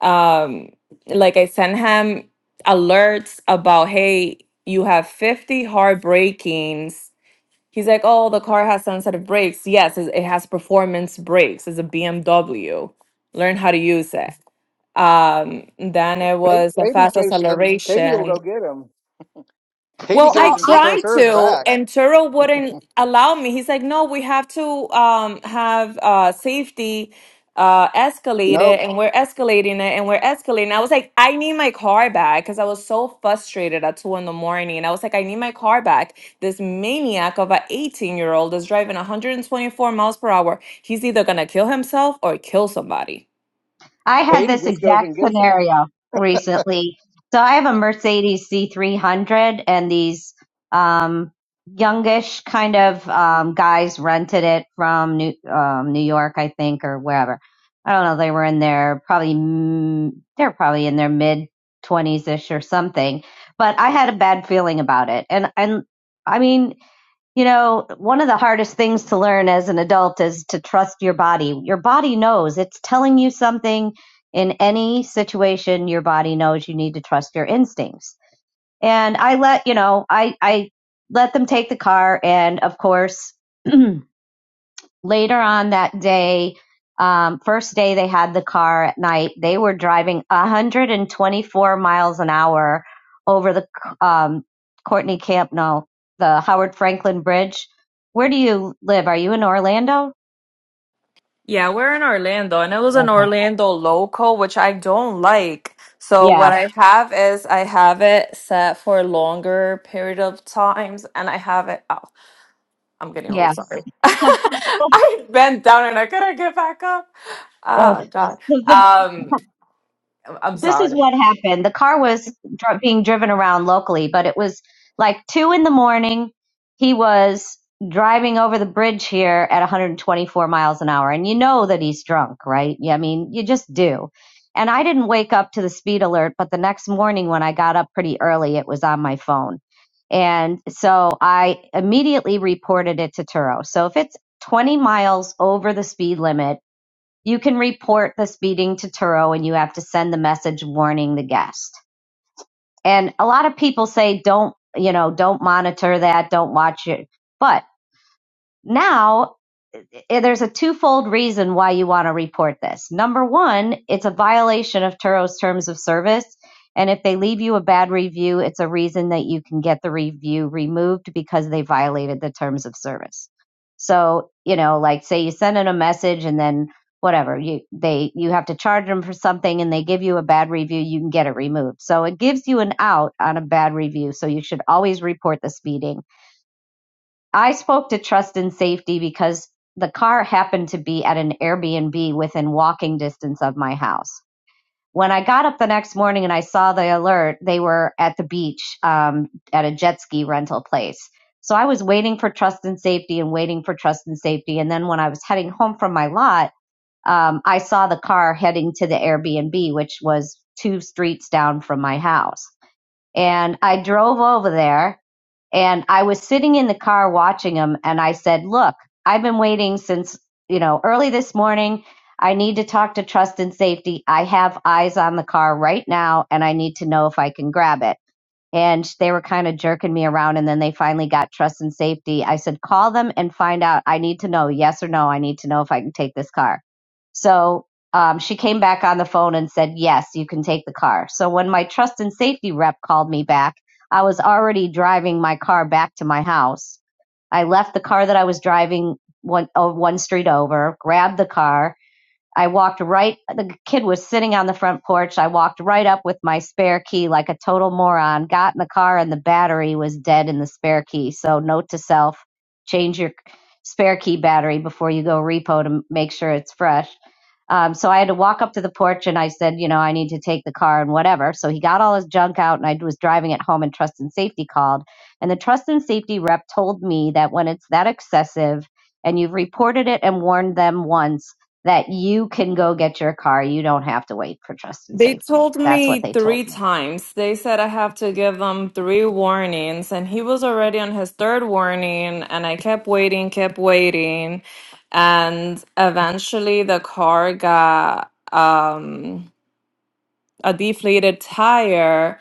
[SPEAKER 6] Um like I sent him alerts about hey, you have 50 hard breakings. He's like, oh, the car has sensitive brakes. Yes, it it has performance brakes. It's a BMW. Learn how to use it. Um, then it
[SPEAKER 2] Kate,
[SPEAKER 6] was a
[SPEAKER 2] Katie
[SPEAKER 6] fast
[SPEAKER 2] chases him. Katie will
[SPEAKER 6] acceleration.
[SPEAKER 2] go get him. Katie
[SPEAKER 6] Well, I
[SPEAKER 2] goes
[SPEAKER 5] so
[SPEAKER 2] and
[SPEAKER 5] I.
[SPEAKER 6] tried
[SPEAKER 2] reposts hers
[SPEAKER 6] to,
[SPEAKER 2] back.
[SPEAKER 6] and Turo wouldn't allow me. He's like, no, we have to um, have uh, safety uh, escalated,
[SPEAKER 2] Nope.
[SPEAKER 6] and we're escalating it, and we're escalating. I was like, I need my car back because I was so frustrated at two in the morning. And I was like, I need my car back. This maniac of an 18 year old is driving 124 miles per hour. He's either going to kill himself or kill somebody.
[SPEAKER 5] I had
[SPEAKER 2] Katie
[SPEAKER 5] this
[SPEAKER 2] just goes and
[SPEAKER 5] exact
[SPEAKER 2] gets him.
[SPEAKER 5] scenario recently. So I have a Mercedes C300 and these um, youngish kind of um, guys rented it from New, um, New York, I think, or wherever. I don't know. They were in their probably, mm, they're probably in their mid 20s ish or something. But I had a bad feeling about it. And, and I mean, you know, one of the hardest things to learn as an adult is to trust your body. Your body knows it's telling you something in any situation. Your body knows you need to trust your instincts. And I let, you know, I, I let them take the car. And of course, later on that day, um, first day they had the car at night, they were driving 124 miles an hour over the um, Courtney Camp, no, the Howard Franklin Bridge. Where do you live? Are you in Orlando?
[SPEAKER 6] Yeah, we're in Orlando, and it was an
[SPEAKER 5] Okay.
[SPEAKER 6] Orlando local, which I don't like. So what
[SPEAKER 5] Yeah,
[SPEAKER 6] I Yeah. have is I have it set for a longer period of times, and I have it. Oh, I'm getting old.
[SPEAKER 5] yeah.
[SPEAKER 6] Sorry,
[SPEAKER 5] So,
[SPEAKER 6] I bent down and I couldn't get back up.
[SPEAKER 5] oh, so
[SPEAKER 6] Oh God.
[SPEAKER 5] the
[SPEAKER 6] Um, I'm
[SPEAKER 5] this is
[SPEAKER 6] sorry.
[SPEAKER 5] what happened. The car was dr- being driven around locally, but it was like two in the morning. He was driving over the bridge here at 124 miles an hour, and you know that he's drunk, right? Yeah, I mean, you just do. And I didn't wake up to the speed alert, but the next morning when I got up pretty early, it was on my phone. And so I immediately reported it to Turo. So if it's 20 miles over the speed limit, you can report the speeding to Turo and you have to send the message warning the guest. And a lot of people say, don't, you know, don't monitor that, don't watch it. But now eh, there's a twofold reason why you want to report this. Number one, it's a violation of Turo's terms of service. And if they leave you a bad review, it's a reason that you can get the review removed because they violated the terms of service. So, you know, like say you send in a message and then whatever, you they you have to charge them for something and they give you a bad review, you can get it removed. So it gives you an out on a bad review. So you should always report the speeding I spoke to Trust and Safety because the car happened to be at an Airbnb within walking distance of my house. When I got up the next morning and I saw the alert, they were at the beach um, at a jet ski rental place. So I was waiting for Trust and Safety and waiting for Trust and Safety. And then when I was heading home from my lot, um, I saw the car heading to the Airbnb, which was two streets down from my house and I drove over there and I was sitting in the car watching him and I said, "Look, I've been waiting since, you know, early this morning. I need to talk to trust and safety. I have eyes on the car right now and I need to know if I can grab it." and they were kind of jerking me around and then they finally got trust and safety i said call them and find out i need to know yes or no i need to know if i can take this car so um, she came back on the phone and said yes you can take the car so when my trust and safety rep called me back i was already driving my car back to my house i left the car that i was driving one, oh, one street over grabbed the car I walked right, the kid was sitting on the front porch. I walked right up with my spare key like a total moron, got in the car, and the battery was dead in the spare key. So, note to self change your spare key battery before you go repo to make sure it's fresh. Um, so, I had to walk up to the porch and I said, you know, I need to take the car and whatever. So, he got all his junk out and I was driving it home, and Trust and Safety called. And the Trust and Safety rep told me that when it's that excessive, and you've reported it and warned them once that you can go get your car. You don't have to wait for trust and
[SPEAKER 6] They
[SPEAKER 5] safety.
[SPEAKER 6] told
[SPEAKER 5] That's what
[SPEAKER 6] me
[SPEAKER 5] they told
[SPEAKER 6] three
[SPEAKER 5] me.
[SPEAKER 6] times. They said I have to give them three warnings, and he was already on his third warning, and I kept waiting, kept waiting, and eventually the car got um, a deflated tire,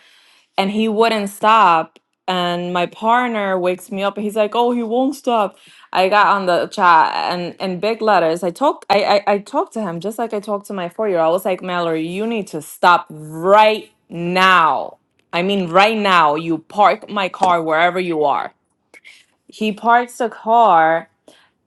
[SPEAKER 6] and he wouldn't stop. And my partner wakes me up and he's like, "Oh, he won't stop." I got on the chat and in big letters. I talk, I, I I talked to him just like I talked to my four year old. I was like, "Mallory, you need to stop right now. I mean, right now. You park my car wherever you are." He parks the car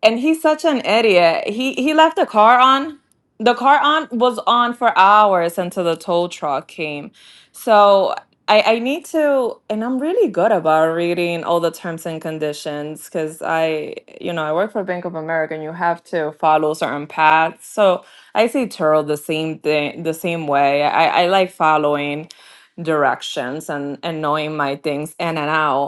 [SPEAKER 6] and he's such an idiot. He he left the car on. The car on was on for hours until the tow truck came. So I, I need to, and I'm really good about reading all the terms and conditions because I, you know, I work for Bank of America, and you have to follow certain paths. So I see Turl the same thing, the same way. I, I like following directions and and knowing my things in and out.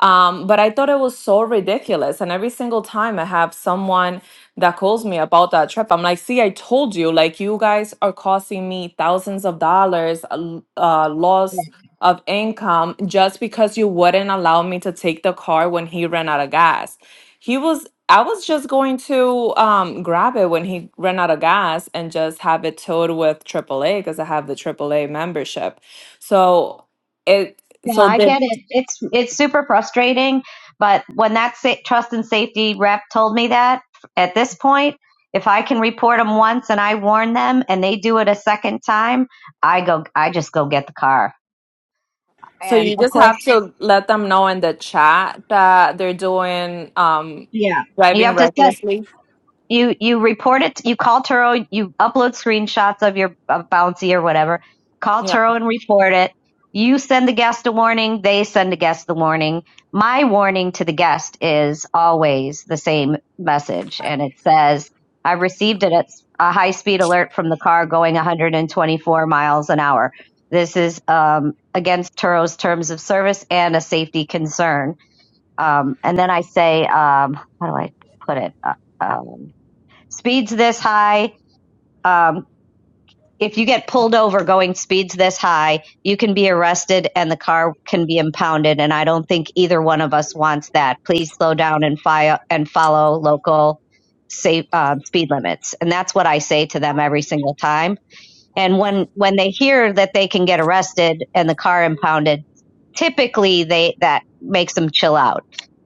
[SPEAKER 6] Um, but I thought it was so ridiculous. And every single time I have someone that calls me about that trip, I'm like, see, I told you, like, you guys are costing me thousands of dollars, uh, uh, loss
[SPEAKER 5] Yeah,
[SPEAKER 6] of income just because you wouldn't allow me to take the car when he ran out of gas. He was, I was just going to um, grab it when he ran out of gas and just have it towed with AAA because I have the AAA membership. So it,
[SPEAKER 5] Yeah,
[SPEAKER 6] so
[SPEAKER 5] I
[SPEAKER 6] did
[SPEAKER 5] get it. It's it's super frustrating, but when that sa- trust and safety rep told me that, at this point, if I can report them once and I warn them, and they do it a second time, I go. I just go get the car.
[SPEAKER 6] so
[SPEAKER 5] And
[SPEAKER 6] you
[SPEAKER 5] of
[SPEAKER 6] just
[SPEAKER 5] course,
[SPEAKER 6] have to let them know in the chat that they're doing um
[SPEAKER 5] yeah, you
[SPEAKER 6] driving
[SPEAKER 5] have to.
[SPEAKER 6] recklessly.
[SPEAKER 5] you you report it you call turo you upload screenshots of your of bouncy or whatever call
[SPEAKER 6] Yeah.
[SPEAKER 5] turo and report it you send the guest a warning they send the guest the warning my warning to the guest is always the same message and it says i received it at a high speed alert from the car going 124 miles an hour this is um, against turo's terms of service and a safety concern um, and then i say um, how do i put it Uh, um, speeds this high. Um, if you get pulled over going speeds this high, you can be arrested and the car can be impounded. And I don't think either one of us wants that. Please slow down and file and follow local safe um, speed limits. And that's what I say to them every single time. And when when they hear that they can get arrested and the car impounded, typically they that makes them chill out.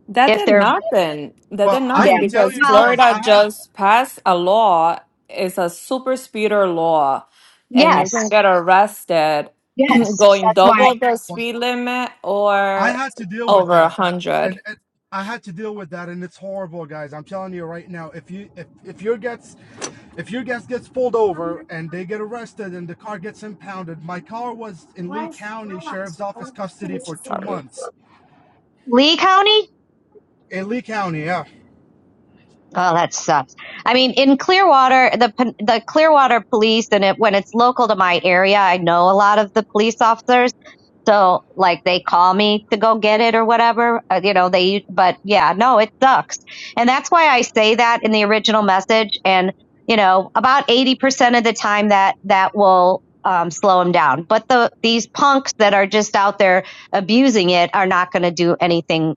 [SPEAKER 6] That
[SPEAKER 5] If
[SPEAKER 6] did
[SPEAKER 5] they're
[SPEAKER 6] nothing. That
[SPEAKER 7] Well,
[SPEAKER 6] did
[SPEAKER 7] I
[SPEAKER 6] nothing
[SPEAKER 5] yeah,
[SPEAKER 7] can tell
[SPEAKER 6] because
[SPEAKER 7] you
[SPEAKER 5] well,
[SPEAKER 7] guys,
[SPEAKER 6] Florida
[SPEAKER 7] I had
[SPEAKER 6] just passed a law. It's a super speeder law, and you
[SPEAKER 5] yes,
[SPEAKER 6] can get arrested
[SPEAKER 5] yes,
[SPEAKER 6] going
[SPEAKER 5] that's why
[SPEAKER 6] double the
[SPEAKER 7] well,
[SPEAKER 6] speed limit
[SPEAKER 7] I
[SPEAKER 6] or
[SPEAKER 7] had to deal with
[SPEAKER 6] over a
[SPEAKER 7] that,
[SPEAKER 6] hundred.
[SPEAKER 7] and, and I had to deal with that, and it's horrible, guys. I'm telling you right now, if you if if your gets if your guest gets pulled over and they get arrested and the car gets impounded, my car was in Lee County Sheriff's Office custody for two
[SPEAKER 6] Sorry.
[SPEAKER 7] months
[SPEAKER 5] Lee County
[SPEAKER 7] in Lee County. yeah.
[SPEAKER 5] Oh, that sucks. I mean, in Clearwater, the p- the Clearwater police, and it, when it's local to my area, I know a lot of the police officers. So, like, they call me to go get it or whatever. Uh, you know, they. But yeah, no, it sucks, and that's why I say that in the original message. And you know, about eighty percent of the time, that that will um, slow them down. But the these punks that are just out there abusing it are not going to do anything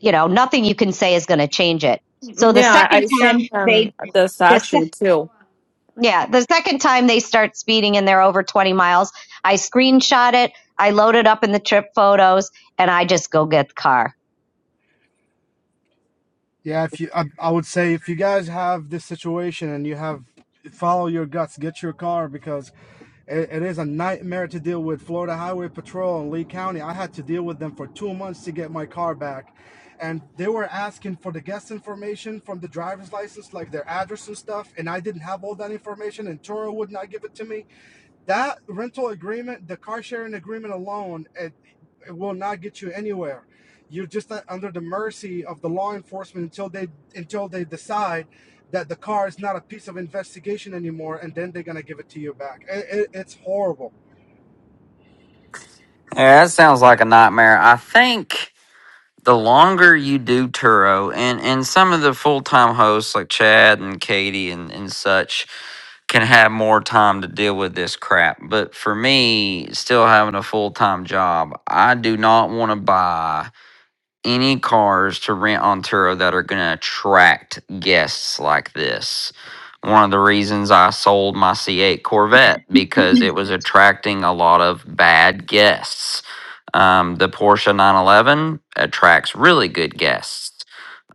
[SPEAKER 5] you know, nothing you can say is going to change it. So the
[SPEAKER 6] Yeah,
[SPEAKER 5] second
[SPEAKER 6] I
[SPEAKER 5] time
[SPEAKER 6] sent him
[SPEAKER 5] they,
[SPEAKER 6] the
[SPEAKER 5] the,
[SPEAKER 6] statue
[SPEAKER 5] se-
[SPEAKER 6] too.
[SPEAKER 5] yeah, the second time they start speeding and they're over 20 miles, I screenshot it, I load it up in the trip photos, and I just go get the car.
[SPEAKER 7] Yeah, if you, I, I would say if you guys have this situation and you have follow your guts, get your car because it, it is a nightmare to deal with. Florida Highway Patrol in Lee County, I had to deal with them for two months to get my car back, and they were asking for the guest information from the driver's license, like their address and stuff, and I didn't have all that information, and Toro would not give it to me that rental agreement, the car sharing agreement alone, it, it will not get you anywhere. You're just uh, under the mercy of the law enforcement until they until they decide that the car is not a piece of investigation anymore, and then they're gonna give it to you back. It, it, it's horrible.
[SPEAKER 3] Yeah, that sounds like a nightmare. I think the longer you do Turo, and and some of the full time hosts like Chad and Katie and and such can have more time to deal with this crap. But for me, still having a full time job, I do not want to buy any cars to rent on Turo that are going to attract guests like this. One of the reasons I sold my C8 Corvette because it was attracting a lot of bad guests. Um, the Porsche 911 attracts really good guests.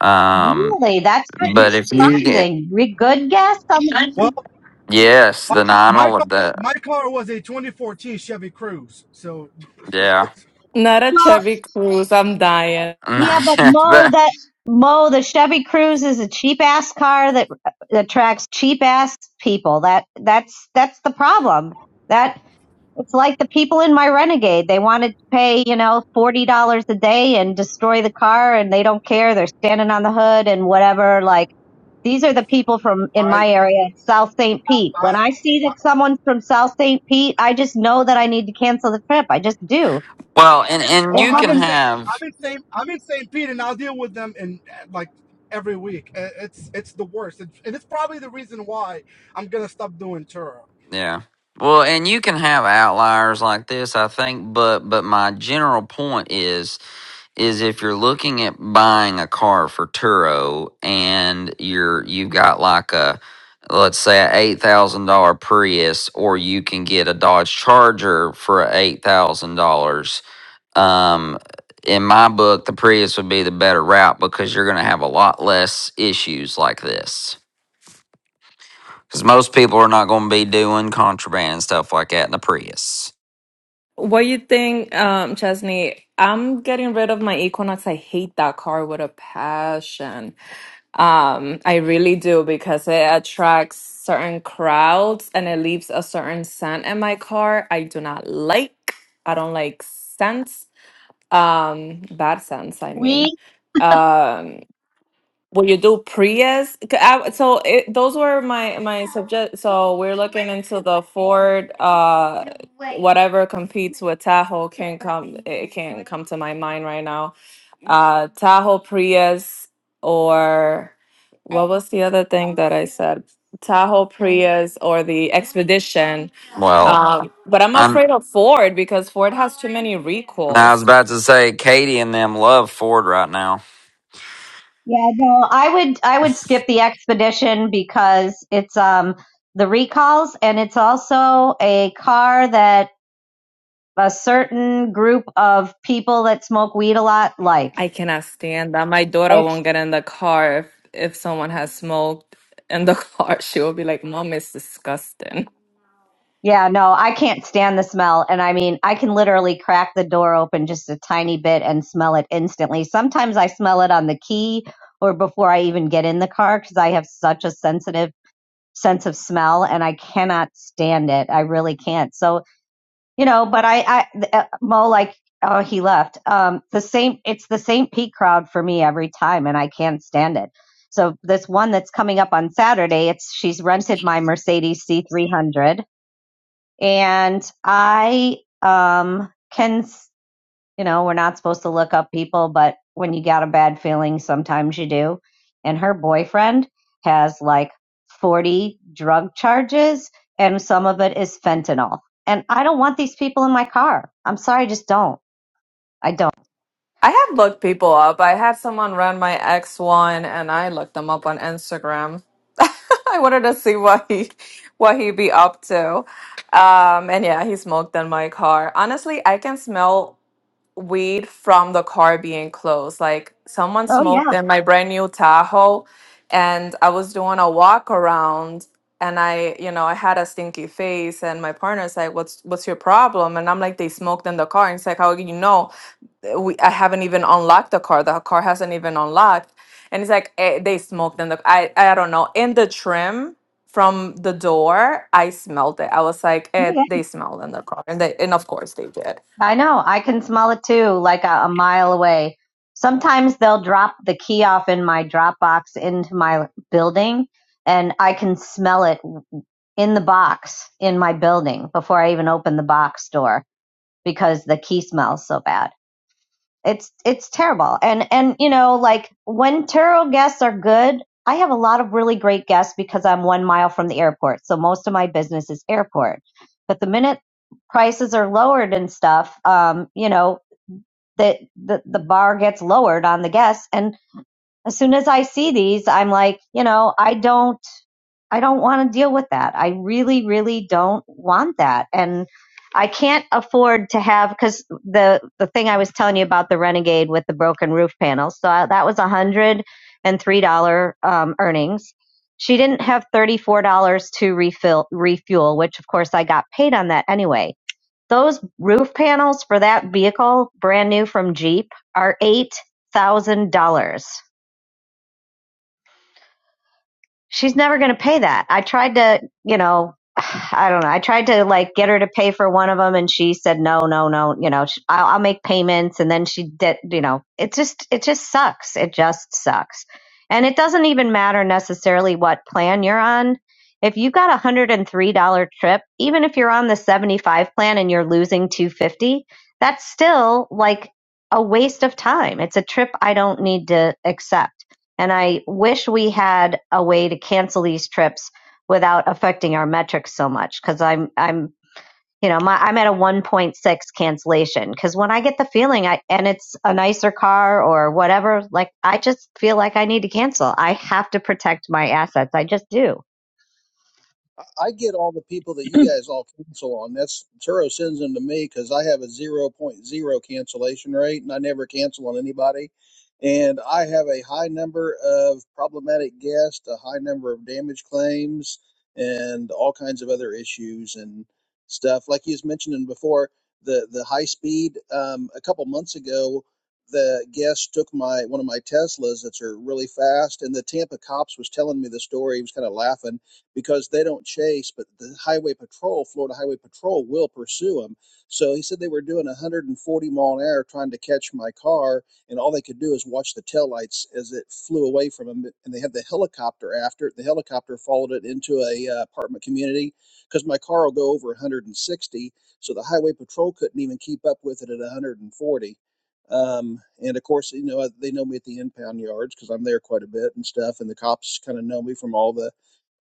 [SPEAKER 3] Um,
[SPEAKER 5] Really, that's kind
[SPEAKER 3] but if
[SPEAKER 5] of
[SPEAKER 3] you get
[SPEAKER 5] surprising. Re- Good guess. I'm, like,
[SPEAKER 7] Well,
[SPEAKER 3] yes, the
[SPEAKER 7] my, my car,
[SPEAKER 3] 911, the
[SPEAKER 7] my car was a 2014 Chevy Cruze, so
[SPEAKER 3] yeah,
[SPEAKER 6] Not a
[SPEAKER 5] well,
[SPEAKER 6] Chevy Cruise. I'm dying.
[SPEAKER 5] yeah, but Mo,
[SPEAKER 3] but
[SPEAKER 5] that Mo, the Chevy Cruze is a cheap ass car that attracts cheap ass people. That that's that's the problem. That. It's like the people in my Renegade. They wanted to pay, you know, $40 a day and destroy the car and they don't care. They're standing on the hood and whatever. Like these are the people from in
[SPEAKER 7] I
[SPEAKER 5] my area, South St. Pete. When
[SPEAKER 7] I
[SPEAKER 5] I see that
[SPEAKER 7] I
[SPEAKER 5] someone's from South St. Pete, I just know that I need to cancel the trip. I just do.
[SPEAKER 3] well, and and
[SPEAKER 7] or
[SPEAKER 5] It-
[SPEAKER 3] you
[SPEAKER 7] I'm
[SPEAKER 3] can
[SPEAKER 7] in St.
[SPEAKER 3] have
[SPEAKER 7] I'm in St. I'm in St. Pete, and I'll deal with them in eh, like every week. Eh, It's it's the worst, and and it's probably the reason why I'm gonna stop doing tour.
[SPEAKER 3] Yeah. Well, and you can have outliers like this, I think, but but my general point is is if you're looking at buying a car for Turo and you're you've got like a let's say a eight thousand dollar Prius, or you can get a Dodge Charger for eight thousand dollars. Um, in my book, the Prius would be the better route because you're going to have a lot less issues like this. Because most people are not going to be doing contraband and stuff like that in the Prius.
[SPEAKER 6] What you think, um, Chesney? I'm getting rid of my Equinox. I hate that car with a passion. Um, I really do because it attracts certain crowds and it leaves a certain scent in my car. I do not like. I don't like scents. Um, bad scents, I mean.
[SPEAKER 5] We,
[SPEAKER 6] Um, will you do Prius? C- I- So it, those were my my subject. So we're looking into the Ford. Uh, whatever competes with Tahoe can come. It can not come to my mind right now uh Tahoe Prius or what was the other thing that I said? Tahoe Prius or the Expedition.
[SPEAKER 3] Well,
[SPEAKER 6] Um, but I'm
[SPEAKER 3] I'm.
[SPEAKER 6] afraid of Ford because Ford has too many
[SPEAKER 3] I was
[SPEAKER 6] recalls.
[SPEAKER 3] about to say Katie and them love Ford right now.
[SPEAKER 5] yeah, no, I would, I would skip the expedition because it's, um, the recalls and it's also a car that a certain group of people that smoke weed a lot like.
[SPEAKER 6] I cannot stand that. My daughter
[SPEAKER 5] I-
[SPEAKER 6] won't get in the car if, if someone has smoked in the car. She will be like, Mom, it's disgusting.
[SPEAKER 5] yeah, no, I can't stand the smell. And I mean, I can literally crack the door open just a tiny bit and smell it instantly. Sometimes I smell it on the key or before I even get in the car because I have such a sensitive sense of smell and I cannot stand it. I really can't. So you know but i i uh, mo like oh he left um the same it's the same pete crowd for me every time and i can't stand it so this one that's coming up on saturday it's she's rented my mercedes c300 and i um can you know, we're not supposed to look up people, but when you got a bad feeling, sometimes you do. And her boyfriend has like 40 drug charges, and some of it is fentanyl. And I don't want these people in my car. I'm sorry, I just don't. I don't.
[SPEAKER 6] I have looked people up. I had someone run my ex one and I looked them up on Instagram. I wanted to see what he what he would be up to. Um, and yeah, he smoked in my car. Honestly, I can smell weed from the car being closed. Like someone
[SPEAKER 5] Oh, yeah.
[SPEAKER 6] smoked in my brand new Tahoe and I was doing a walk around and I, you know, I had a stinky face and my partner's like, What's what's your problem? And I'm like, they smoked in the car. And he's like, How do you know? we I haven't even unlocked the car. The car hasn't even unlocked, and it's like eh, they smoked in the. I I don't know. In the trim from the door, I smelled it. I was like,
[SPEAKER 5] Oh,
[SPEAKER 6] eh,
[SPEAKER 5] yeah.
[SPEAKER 6] they smelled in the car, and they and of course they did.
[SPEAKER 5] I know. I can smell it too, like a, a mile away. Sometimes they'll drop the key off in my Dropbox into my building, and I can smell it in the box in my building before I even opened the box door because the key smells so bad. It's it's terrible. And and you know, like when tarot guests are good, I have a lot of really great guests because I'm one mile from the airport. So most of my business is airport. But the minute prices are lowered and stuff, um, you know, that the, the bar gets lowered on the guests. And as soon as I see these, I'm like, you know, I don't I don't want to deal with that. I really, really don't want that. And I can't afford to have because the the thing I was telling you about the Renegade with the broken roof panels. So I, that was a hundred and three dollar um, earnings. She didn't have thirty four dollars to refill refuel, which of course I got paid on that anyway. Those roof panels for that vehicle, brand new from Jeep, are eight thousand dollars she's never going to pay that. I tried to, you know, I don't know. I tried to like get her to pay for one of them, and she said no, no, no. You know, sh- I'll, I'll make payments, and then she did. You know, it just it just sucks. It just sucks, and it doesn't even matter necessarily what plan you're on. If you got a hundred and three dollar trip, even if you're on the seventy five plan and you're losing two fifty, that's still like a waste of time. It's a trip I don't need to accept and I wish we had a way to cancel these trips without affecting our metrics so much because I'm I'm you know my, I'm at a 1.6 cancellation because when I get the feeling I and it's a nicer car or whatever like I just feel like I need to cancel. I have to protect my assets. I just do.
[SPEAKER 2] I I get all the people that you guys all cancel on. That's Turo sends them to me because I have a zero point zero cancellation rate and I never cancel on anybody. And I have a high number of problematic guests, a high number of damage claims, and all kinds of other issues and stuff. Like he was mentioning before, the the high speed. Um, a couple months ago, the guest took my one of my Teslas that's are really fast, and the Tampa cops was telling me the story. He was kind of laughing because they don't chase, but the highway patrol, Florida Highway Patrol, will pursue them. So he said they were doing 140 mile an hour trying to catch my car, and all they could do is watch the taillights as it flew away from them. And they had the helicopter after it. The helicopter followed it into a uh, apartment community because my car will go over 160, so the highway patrol couldn't even keep up with it at 140. Um, and of course, you know, they know me at the impound yards because I'm there quite a bit and stuff. And the cops kind of know me from all the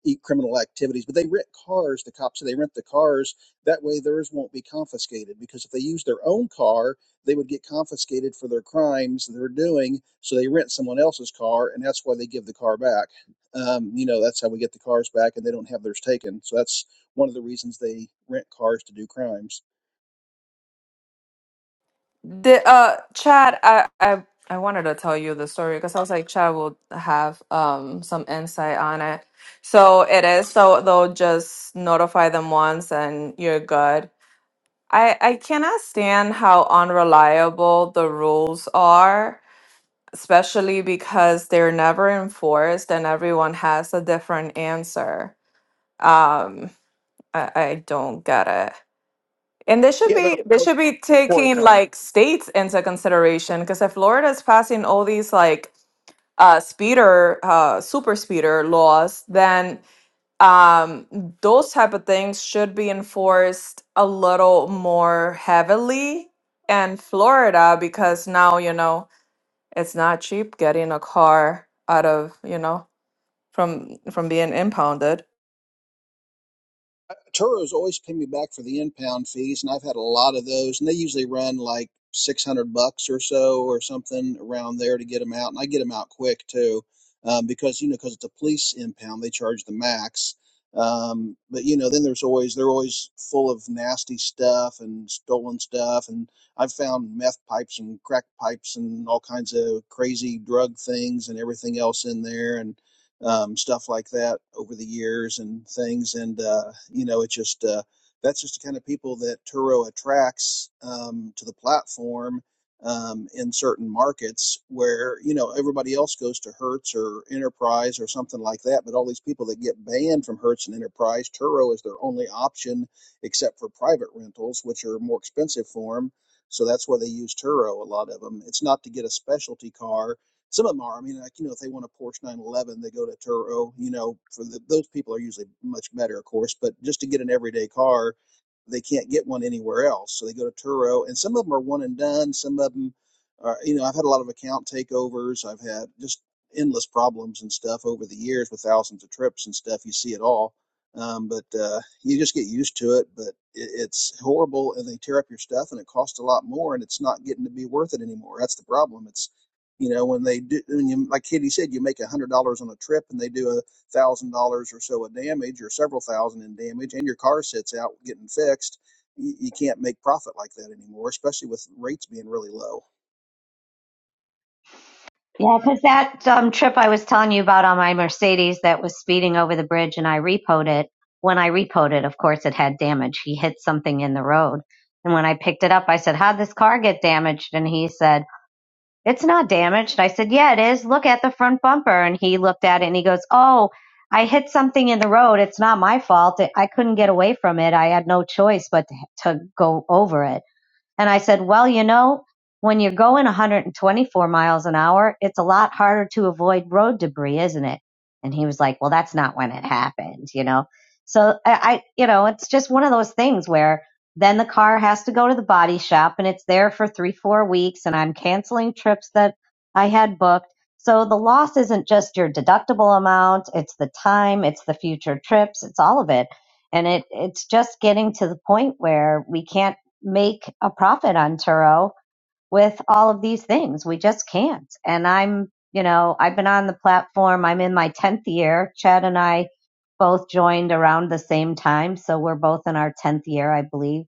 [SPEAKER 2] e- criminal activities, but they rent cars. The cops they rent the cars. That way, theirs won't be confiscated because if they use their own car, they would get confiscated for their crimes that they're doing. So they rent someone else's car, and that's why they give the car back. Um, you know, that's how we get the cars back, and they don't have theirs taken. So that's one of the reasons they rent cars to do crimes.
[SPEAKER 6] The uh, Chad, I I I wanted to tell you the story because I was like, Chad will have um some insight on it. So it is. So they'll just notify them once, and you're good. I, I cannot stand how unreliable the rules are especially because they're never enforced and everyone has a different answer. Um, I, I don't get it. And they should be they should be taking like states into consideration because if Florida is passing all these like uh, speeder uh, super speeder laws, then um, those type of things should be enforced a little more heavily in Florida because now you know it's not cheap getting a car out of, you know, from from being impounded.
[SPEAKER 2] Turo's always pay me back for the impound fees, and I've had a lot of those, and they usually run like six hundred bucks or so, or something around there to get them out, and I get them out quick too, um, because you know, because it's a police impound, they charge the max. Um, but you know, then there's always they're always full of nasty stuff and stolen stuff, and I've found meth pipes and crack pipes and all kinds of crazy drug things and everything else in there, and um, stuff like that over the years and things. And, uh, you know, it just, uh, that's just the kind of people that Turo attracts um, to the platform um, in certain markets where, you know, everybody else goes to Hertz or Enterprise or something like that. But all these people that get banned from Hertz and Enterprise, Turo is their only option except for private rentals, which are more expensive for them. So that's why they use Turo, a lot of them. It's not to get a specialty car some of them are. I mean, like you know, if they want a Porsche 911, they go to Turo. You know, for the, those people are usually much better, of course. But just to get an everyday car, they can't get one anywhere else, so they go to Turo. And some of them are one and done. Some of them are. You know, I've had a lot of account takeovers. I've had just endless problems and stuff over the years with thousands of trips and stuff. You see it all. Um, but uh, you just get used to it. But it, it's horrible, and they tear up your stuff, and it costs a lot more, and it's not getting to be worth it anymore. That's the problem. It's you know, when they do, when you, like Kitty said, you make a hundred dollars on a trip, and they do a thousand dollars or so of damage, or several thousand in damage, and your car sits out getting fixed. You, you can't make profit like that anymore, especially with rates being really low.
[SPEAKER 5] Yeah, because that um, trip I was telling you about on my Mercedes that was speeding over the bridge and I repoed it. When I repoed it, of course, it had damage. He hit something in the road. And when I picked it up, I said, How'd this car get damaged? And he said, It's not damaged. I said, Yeah, it is. Look at the front bumper. And he looked at it and he goes, Oh, I hit something in the road. It's not my fault. I couldn't get away from it. I had no choice but to, to go over it. And I said, well, you know, when you're going 124 miles an hour, it's a lot harder to avoid road debris, isn't it? And he was like, well, that's not when it happened, you know? So I, I you know, it's just one of those things where then the car has to go to the body shop and it's there for three, four weeks and I'm canceling trips that I had booked. So the loss isn't just your deductible amount. It's the time. It's the future trips. It's all of it. And it, it's just getting to the point where we can't make a profit on Turo with all of these things. We just can't. And I'm, you know, I've been on the platform. I'm in my 10th year. Chad and I both joined around the same time. So we're both in our 10th year, I believe.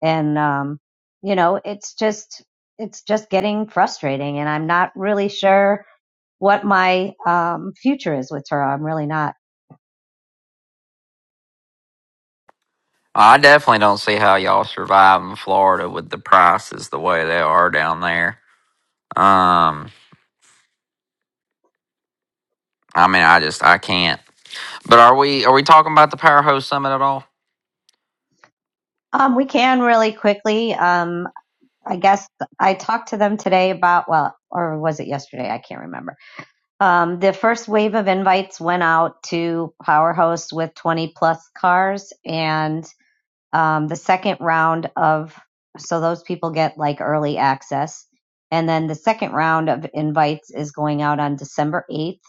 [SPEAKER 5] And, um, you know, it's just, it's just getting frustrating. And I'm not really sure what my um, future is with Turo. I'm really not.
[SPEAKER 3] I definitely don't see how y'all survive in Florida with the prices the way they are down there. Um, I mean, I just I can't. But are we are we talking about the Powerhouse Summit at all?
[SPEAKER 5] Um, we can really quickly. Um, I guess I talked to them today about, well, or was it yesterday? I can't remember. Um, the first wave of invites went out to Power Host with 20 plus cars. And um, the second round of, so those people get like early access. And then the second round of invites is going out on December 8th.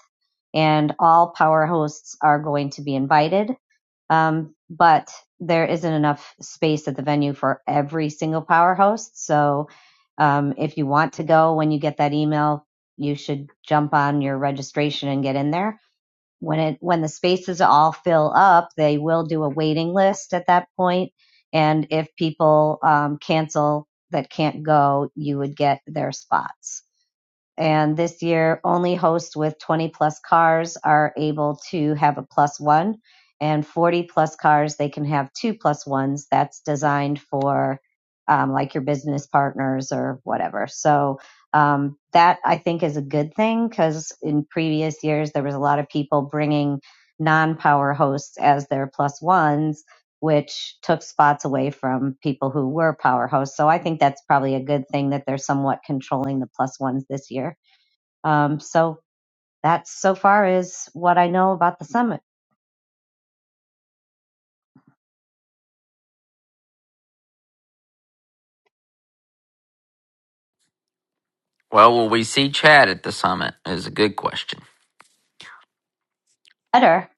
[SPEAKER 5] And all Power Hosts are going to be invited. Um, but there isn't enough space at the venue for every single power host. So um, if you want to go when you get that email, you should jump on your registration and get in there. When it when the spaces all fill up, they will do a waiting list at that point. And if people um, cancel that can't go, you would get their spots. And this year, only hosts with 20 plus cars are able to have a plus one, and 40 plus cars, they can have two plus ones. That's designed for um, like your business partners or whatever. So, um, that I think is a good thing because in previous years, there was a lot of people bringing non power hosts as their plus ones, which took spots away from people who were power hosts. So, I think that's probably a good thing that they're somewhat controlling the plus ones this year. Um, so that's so far is what I know about the summit.
[SPEAKER 3] Well, will we see Chad at the summit? Is a good question.
[SPEAKER 5] Better.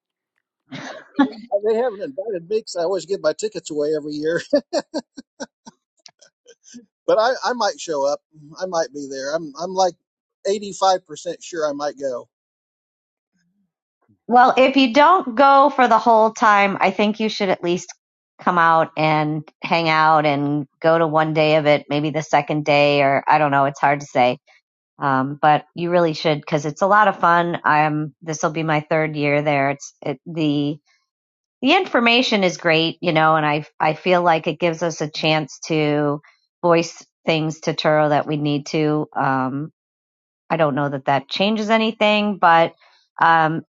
[SPEAKER 2] Uh, They haven't invited me 'cause I always give my tickets away every year. But I, I might show up. I might be there. I'm I'm like eighty five percent sure I might go.
[SPEAKER 5] Well, if you don't go for the whole time, I think you should at least come out and hang out and go to one day of it, maybe the second day, or I don't know. It's hard to say. Um, but you really should because it's a lot of fun. I'm this will be my third year there. It's it, the the information is great, you know, and I I feel like it gives us a chance to voice things to Turo that we need to. Um, I don't know that that changes anything, but um,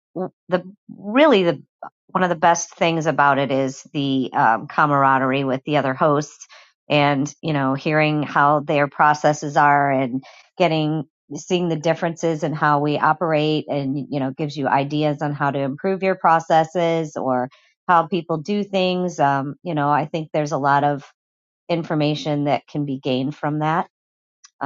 [SPEAKER 5] the really the one of the best things about it is the um, camaraderie with the other hosts, and you know, hearing how their processes are and getting seeing the differences in how we operate, and you know, gives you ideas on how to improve your processes or how people do things. Um, you know, I think there's a lot of information that can be gained from that.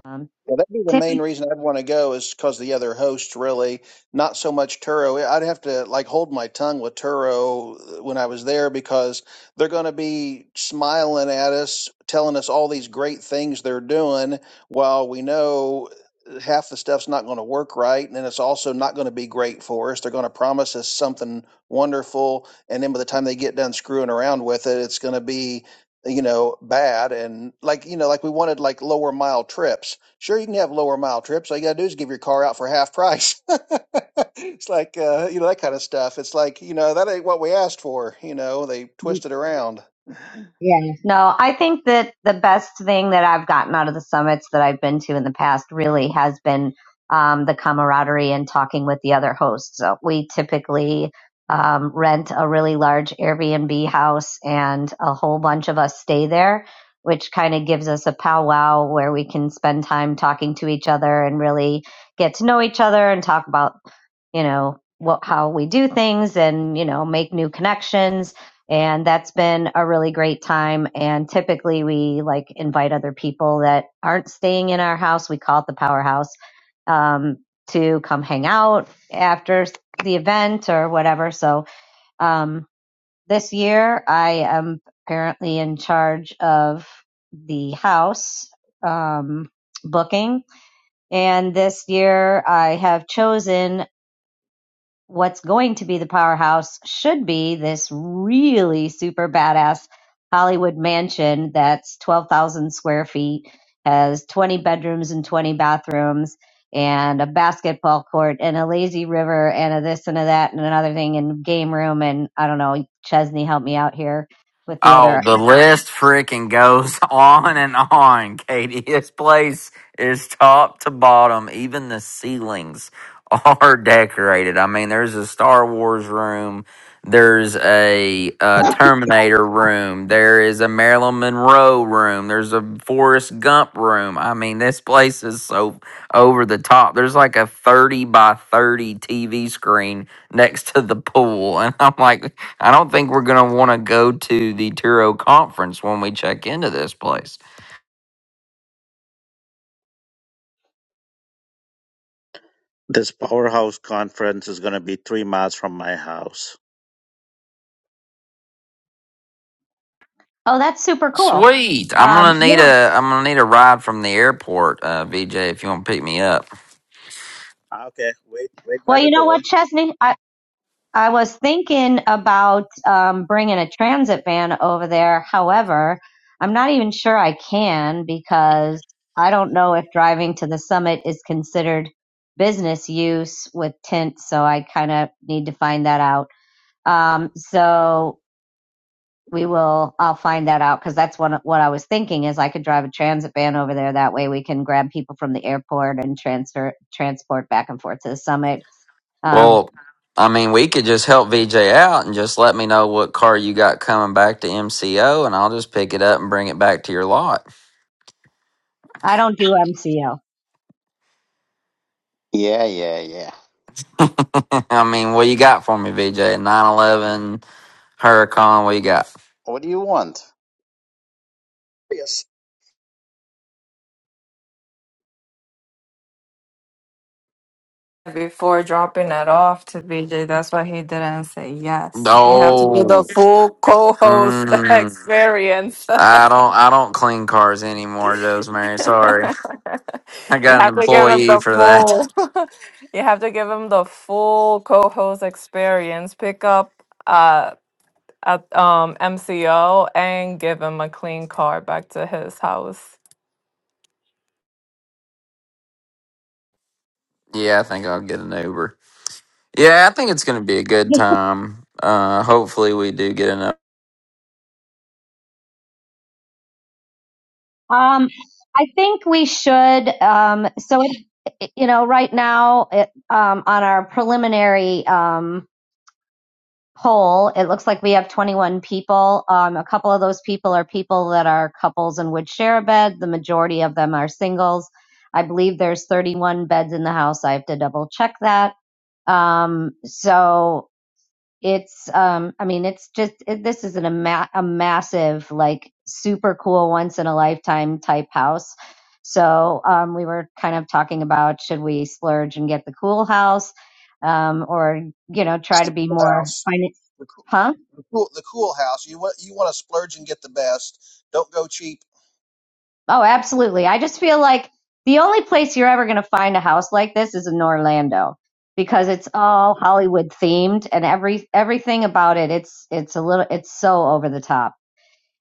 [SPEAKER 5] Um,
[SPEAKER 2] Yeah, that'd be the main
[SPEAKER 5] typically,
[SPEAKER 2] reason I'd want to go is because the other hosts really not so much Turo. I'd have to like hold my tongue with Turo uh, when I was there because they're going to be smiling at us, telling us all these great things they're doing, while we know uh, half the stuff's not going to work right, and it's also not going to be great for us. They're going to promise us something wonderful, and then by the time they get done screwing around with it, it's going to be you know bad and like you know like we wanted like lower mile trips Sure, you can have lower mile trips. All you got to do is give your car out for half price. it's like, uh, you know, that kind of stuff. It's like, you know, that ain't what we asked for. You know, they twist it around.
[SPEAKER 5] Yes. No, I think that the best thing that I've gotten out of the summits that I've been to in the past really has been um, the camaraderie and talking with the other hosts. So we typically um, rent a really large Airbnb house, and a whole bunch of us stay there, which kind of gives us a powwow where we can spend time talking to each other and really get to know each other and talk about you know what how we do things and you know make new connections and that's been a really great time and typically we like invite other people that aren't staying in our house we call it the powerhouse um, to come hang out after the event or whatever so um, this year i am apparently in charge of the house um, booking and this year i have chosen what's going to be the powerhouse should be this really super badass Hollywood mansion that's 12,000 square feet, has 20 bedrooms and 20 bathrooms, and a basketball court, and a lazy river, and a this and a that, and another thing, and game room. And I don't know, Chesney help me out here with the
[SPEAKER 3] Oh,
[SPEAKER 5] other.
[SPEAKER 3] the list freaking goes on and on, Katie. This place is top to bottom. Even the ceilings are decorated. I mean, there's a Star Wars room, there's a, uh Terminator room, there is a Marilyn Monroe room, there's a Forrest Gump room. I mean, this place is so over the top. There's like a 30 by 30 TV screen next to the pool. And I'm like, I don't think we're going to want to go to the Turo conference when we check into this place.
[SPEAKER 8] This powerhouse conference is going to be three miles from my house.
[SPEAKER 5] Oh, that's super cool.
[SPEAKER 3] Sweet. I'm going
[SPEAKER 5] Um,
[SPEAKER 3] to need
[SPEAKER 5] yeah.
[SPEAKER 3] a I'm going to need a ride from the airport, uh VJ if you want to pick me up.
[SPEAKER 8] Okay, wait, wait by
[SPEAKER 5] Well,
[SPEAKER 8] the
[SPEAKER 5] you know what,
[SPEAKER 8] door.
[SPEAKER 5] Chesney? I, I was thinking about um, bringing a transit van over there. However, I'm not even sure I can because I don't know if driving to the summit is considered business use with tint. So I kind of need to find that out. Um, so we will. I'll find that out because that's one, what I was thinking is I could drive a transit van over there. That way we can grab people from the airport and transfer transport back and forth to the summit. Um,
[SPEAKER 3] Well, I mean, we could just help VJ out and just let me know what car you got coming back to MCO and I'll just pick it up and bring it back to your lot.
[SPEAKER 5] I don't do MCO.
[SPEAKER 8] Yeah, yeah, yeah.
[SPEAKER 3] I mean, what you got for me, VJ? 911 Huracan, what you got?
[SPEAKER 8] What do you want?
[SPEAKER 2] Yes,
[SPEAKER 6] Before dropping it off to BJ, that's why he didn't say yes. You have to do the
[SPEAKER 3] Oh.
[SPEAKER 6] full co-host
[SPEAKER 3] Mm,
[SPEAKER 6] experience.
[SPEAKER 3] I don't I don't clean cars anymore, Joe's Mary. Sorry. I
[SPEAKER 6] You
[SPEAKER 3] got an
[SPEAKER 6] have to give him
[SPEAKER 3] employee
[SPEAKER 6] the
[SPEAKER 3] for that.
[SPEAKER 6] full. You have to give him the full co-host experience. Pick up. uh, at um MCO and give him a clean car back to his house.
[SPEAKER 3] Yeah, I think I'll get an Uber. Yeah, I think it's going to be a good time. Uh, hopefully, we do get an.
[SPEAKER 5] Um, I think we should. Um, so, it, you know, right now it, um, on our preliminary um, poll, it looks like we have 21 people. Um, a couple of those people are people that are couples and would share a bed. The majority of them are singles. I believe there's 31 beds in the house. I have to double check that. Um, so it's, um, I mean, it's just it, this is an, a, ma- a massive, like, super cool, once in a lifetime type house. So um, we were kind of talking about should we splurge and get the cool house, um, or you know,
[SPEAKER 2] it's
[SPEAKER 5] try to
[SPEAKER 2] the
[SPEAKER 5] be
[SPEAKER 2] cool
[SPEAKER 5] more
[SPEAKER 2] house.
[SPEAKER 5] financial?
[SPEAKER 2] The cool,
[SPEAKER 5] Huh?
[SPEAKER 2] the cool, the cool house. You want you want to splurge and get the best. Don't go cheap.
[SPEAKER 5] Oh, absolutely. I just feel like the only place you're ever going to find a house like this is in Orlando because it's all Hollywood themed and every everything about it. It's it's a little it's so over the top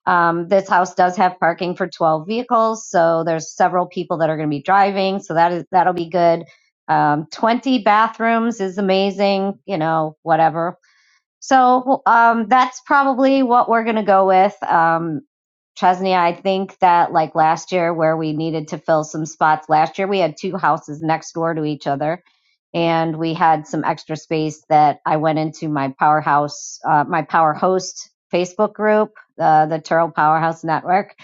[SPEAKER 5] Um, this house does have parking for 12 vehicles, so there's several people that are going to be driving, so that is that'll be good. Um, 20 bathrooms is amazing, you know, whatever. So um, that's probably what we're going to go with. Um, Chesney, I think that like last year, where we needed to fill some spots last year, we had two houses next door to each other and we had some extra space that I went into my powerhouse, uh, my power host Facebook group, uh, the Turl Powerhouse Network,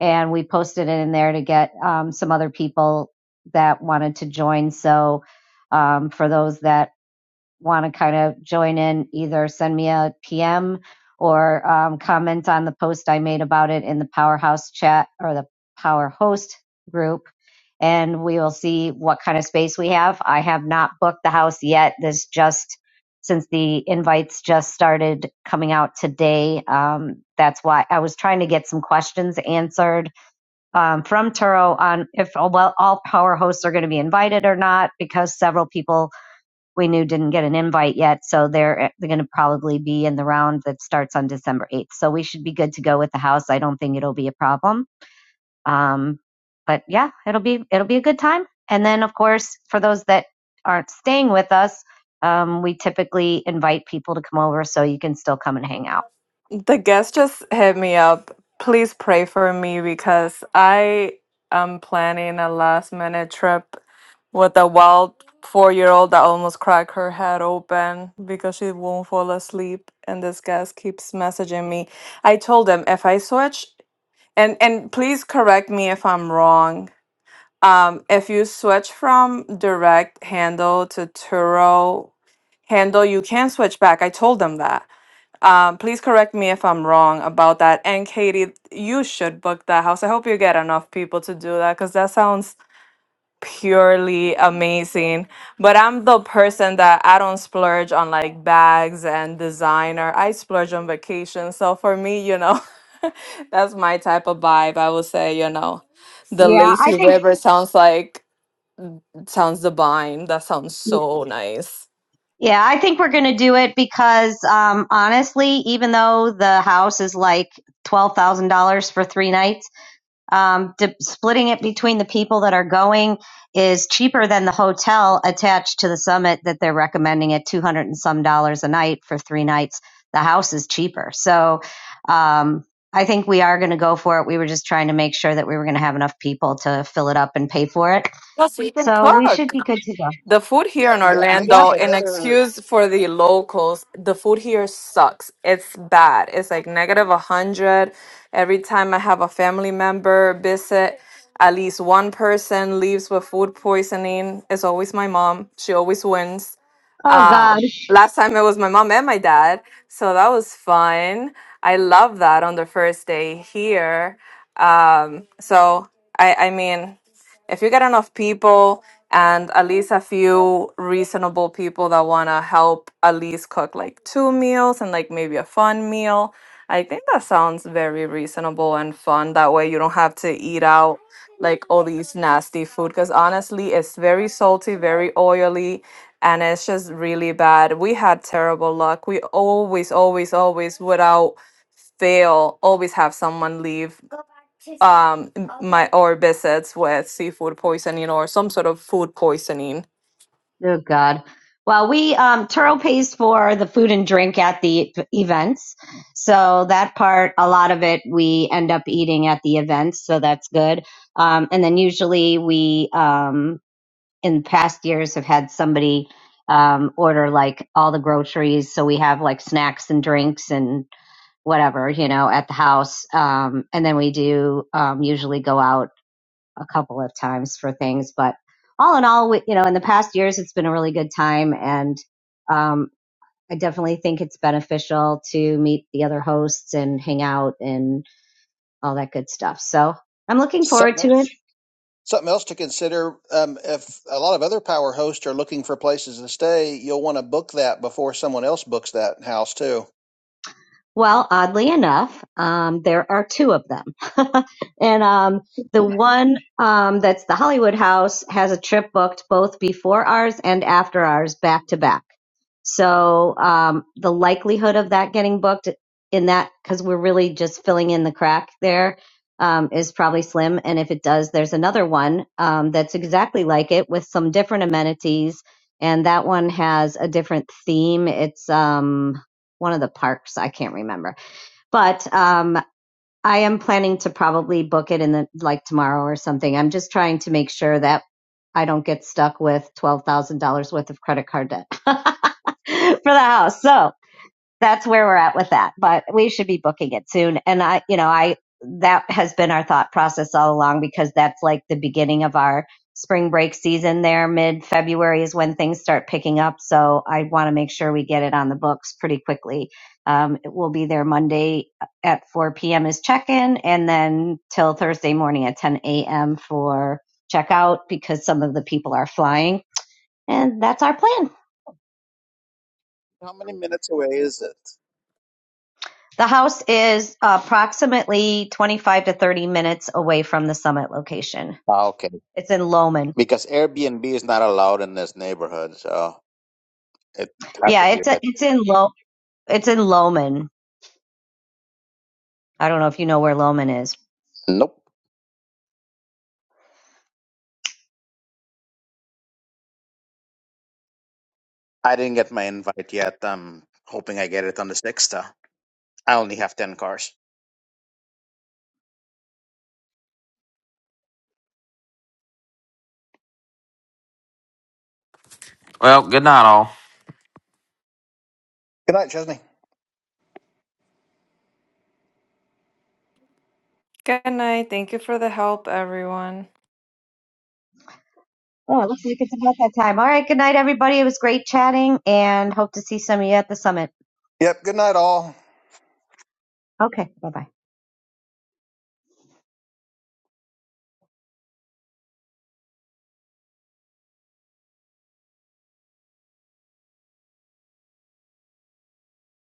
[SPEAKER 5] and we posted it in there to get um, some other people that wanted to join. So um, for those that want to kind of join in, either send me a PM or um, comment on the post I made about it in the Powerhouse chat or the Power Host group. And we will see what kind of space we have. I have not booked the house yet. This just since the invites just started coming out today. Um, that's why I was trying to get some questions answered um, from Turo on if well all power hosts are going to be invited or not, because several people we knew didn't get an invite yet. So they're, eh, they're going to probably be in the round that starts on December 8th. So we should be good to go with the house. I don't think it'll be a problem. Um, but yeah, it'll be, it'll be a good time. And then of course, for those that aren't staying with us, um, we typically invite people to come over so you can still come and hang out.
[SPEAKER 6] The guest just hit me up. Please pray for me because I am planning a last minute trip with a wild four year old that almost cracked her head open because she won't fall asleep and this guest keeps messaging me. I told him if I switch and and please correct me if I'm wrong Um, if you switch from direct handle to Turo handle, you can switch back. I told them that. Um, please correct me if I'm wrong about that. And Katie, you should book that house. I hope you get enough people to do that because that sounds purely amazing. But I'm the person that I don't splurge on like bags and designer. I splurge on vacation. So for me, you know, that's my type of vibe. I would say, you know, the
[SPEAKER 5] Yeah, I
[SPEAKER 6] lazy
[SPEAKER 5] think
[SPEAKER 6] river sounds like Sounds divine. That sounds so nice.
[SPEAKER 5] Yeah, I think we're going to do it because um, honestly, even though the house is like $12,000 for three nights, Um, di- splitting it between the people that are going is cheaper than the hotel attached to the summit that they're recommending at 200 and some dollars a night for three nights. The house is cheaper. So um, I think we are going to go for it. We were just trying to make sure that we were going to have enough people to fill it up and pay for it.
[SPEAKER 6] Plus, we can
[SPEAKER 5] So we should
[SPEAKER 6] cook.
[SPEAKER 5] be good to go.
[SPEAKER 6] The food here in
[SPEAKER 2] Yeah, make
[SPEAKER 5] Yep.
[SPEAKER 6] Orlando,
[SPEAKER 2] sure
[SPEAKER 6] an
[SPEAKER 2] another
[SPEAKER 6] excuse for the locals, the food here sucks. It's bad. It's like negative 100. Every time I have a family member visit, at least one person leaves with food poisoning. It's always my mom. She always wins.
[SPEAKER 5] Oh, God.
[SPEAKER 6] Uh, last time it was my mom and my dad, so that was fun. I love that on the first day here. Um, so I, I mean, if you get enough people and at least a few reasonable people that want to help at least cook like two meals and like maybe a fun meal i think that sounds very reasonable and fun that way you don't have to eat out like all these nasty food because honestly it's very salty very oily and it's just really bad we had terrible luck we always always always without fail always have someone leave um m- my or besets with seafood poisoning or some sort of food poisoning.
[SPEAKER 5] Oh God. Well, we um Turo pays for the food and drink at the events. So that part, a lot of it we end up eating at the events, so that's good. Um and then usually we um in past years have had somebody um order like all the groceries, so we have like snacks and drinks and whatever, you know, at the house. Um and then we do um usually go out a couple of times for things. But all in all, we, you know, in the past years, it's been a really good time, and um, I definitely think it's beneficial to meet the other hosts and hang out and all that good stuff. So I'm looking forward
[SPEAKER 2] something
[SPEAKER 5] to it.
[SPEAKER 2] something else to consider. Um, if a lot of other power hosts are looking for places to stay, you'll want to book that before someone else books that house too.
[SPEAKER 5] Well, oddly enough, um, there are two of them. and um, the one um, that's the Hollywood House has a trip booked both before ours and after ours, back to back. So um, the likelihood of that getting booked in that, because we're really just filling in the crack there, um, is probably slim. And if it does, there's another one um, that's exactly like it with some different amenities. And that one has a different theme. It's um, one of the parks. I can't remember, but um, I am planning to probably book it in the like tomorrow or something. I'm just trying to make sure that I don't get stuck with twelve thousand dollars worth of credit card debt for the house. So that's where we're at with that. But we should be booking it soon. And I, you know, I, that has been our thought process all along because that's like the beginning of our spring break season there. Mid February is when things start picking up. So I want to make sure we get it on the books pretty quickly. Um, it will be there Monday at 4 p.m. is check in and then till Thursday morning at 10 a.m. for checkout because some of the people are flying. And that's our plan.
[SPEAKER 8] How many minutes away is it?
[SPEAKER 5] The house is approximately 25 to 30 minutes away from the summit location.
[SPEAKER 8] Ah, Okay.
[SPEAKER 5] It's in Loman.
[SPEAKER 8] Because Airbnb is not allowed in this neighborhood, so it has to
[SPEAKER 5] Yeah,
[SPEAKER 8] be a
[SPEAKER 5] it's a,
[SPEAKER 8] bit.
[SPEAKER 5] it's in Lo it's in Loman. I don't know if you know where Loman is.
[SPEAKER 8] Nope. I didn't get my invite yet. I'm hoping I get it on the 6th. uh, I only have 10 cars.
[SPEAKER 3] Well, good night, all.
[SPEAKER 2] Good night, Chesney.
[SPEAKER 6] Good night. Thank you for the help, everyone.
[SPEAKER 5] Oh, it looks like it's about that time. All right, good night everybody. It was great chatting and hope to see some of you at the summit.
[SPEAKER 2] Yep. Good night, all.
[SPEAKER 5] Okay, bye-bye.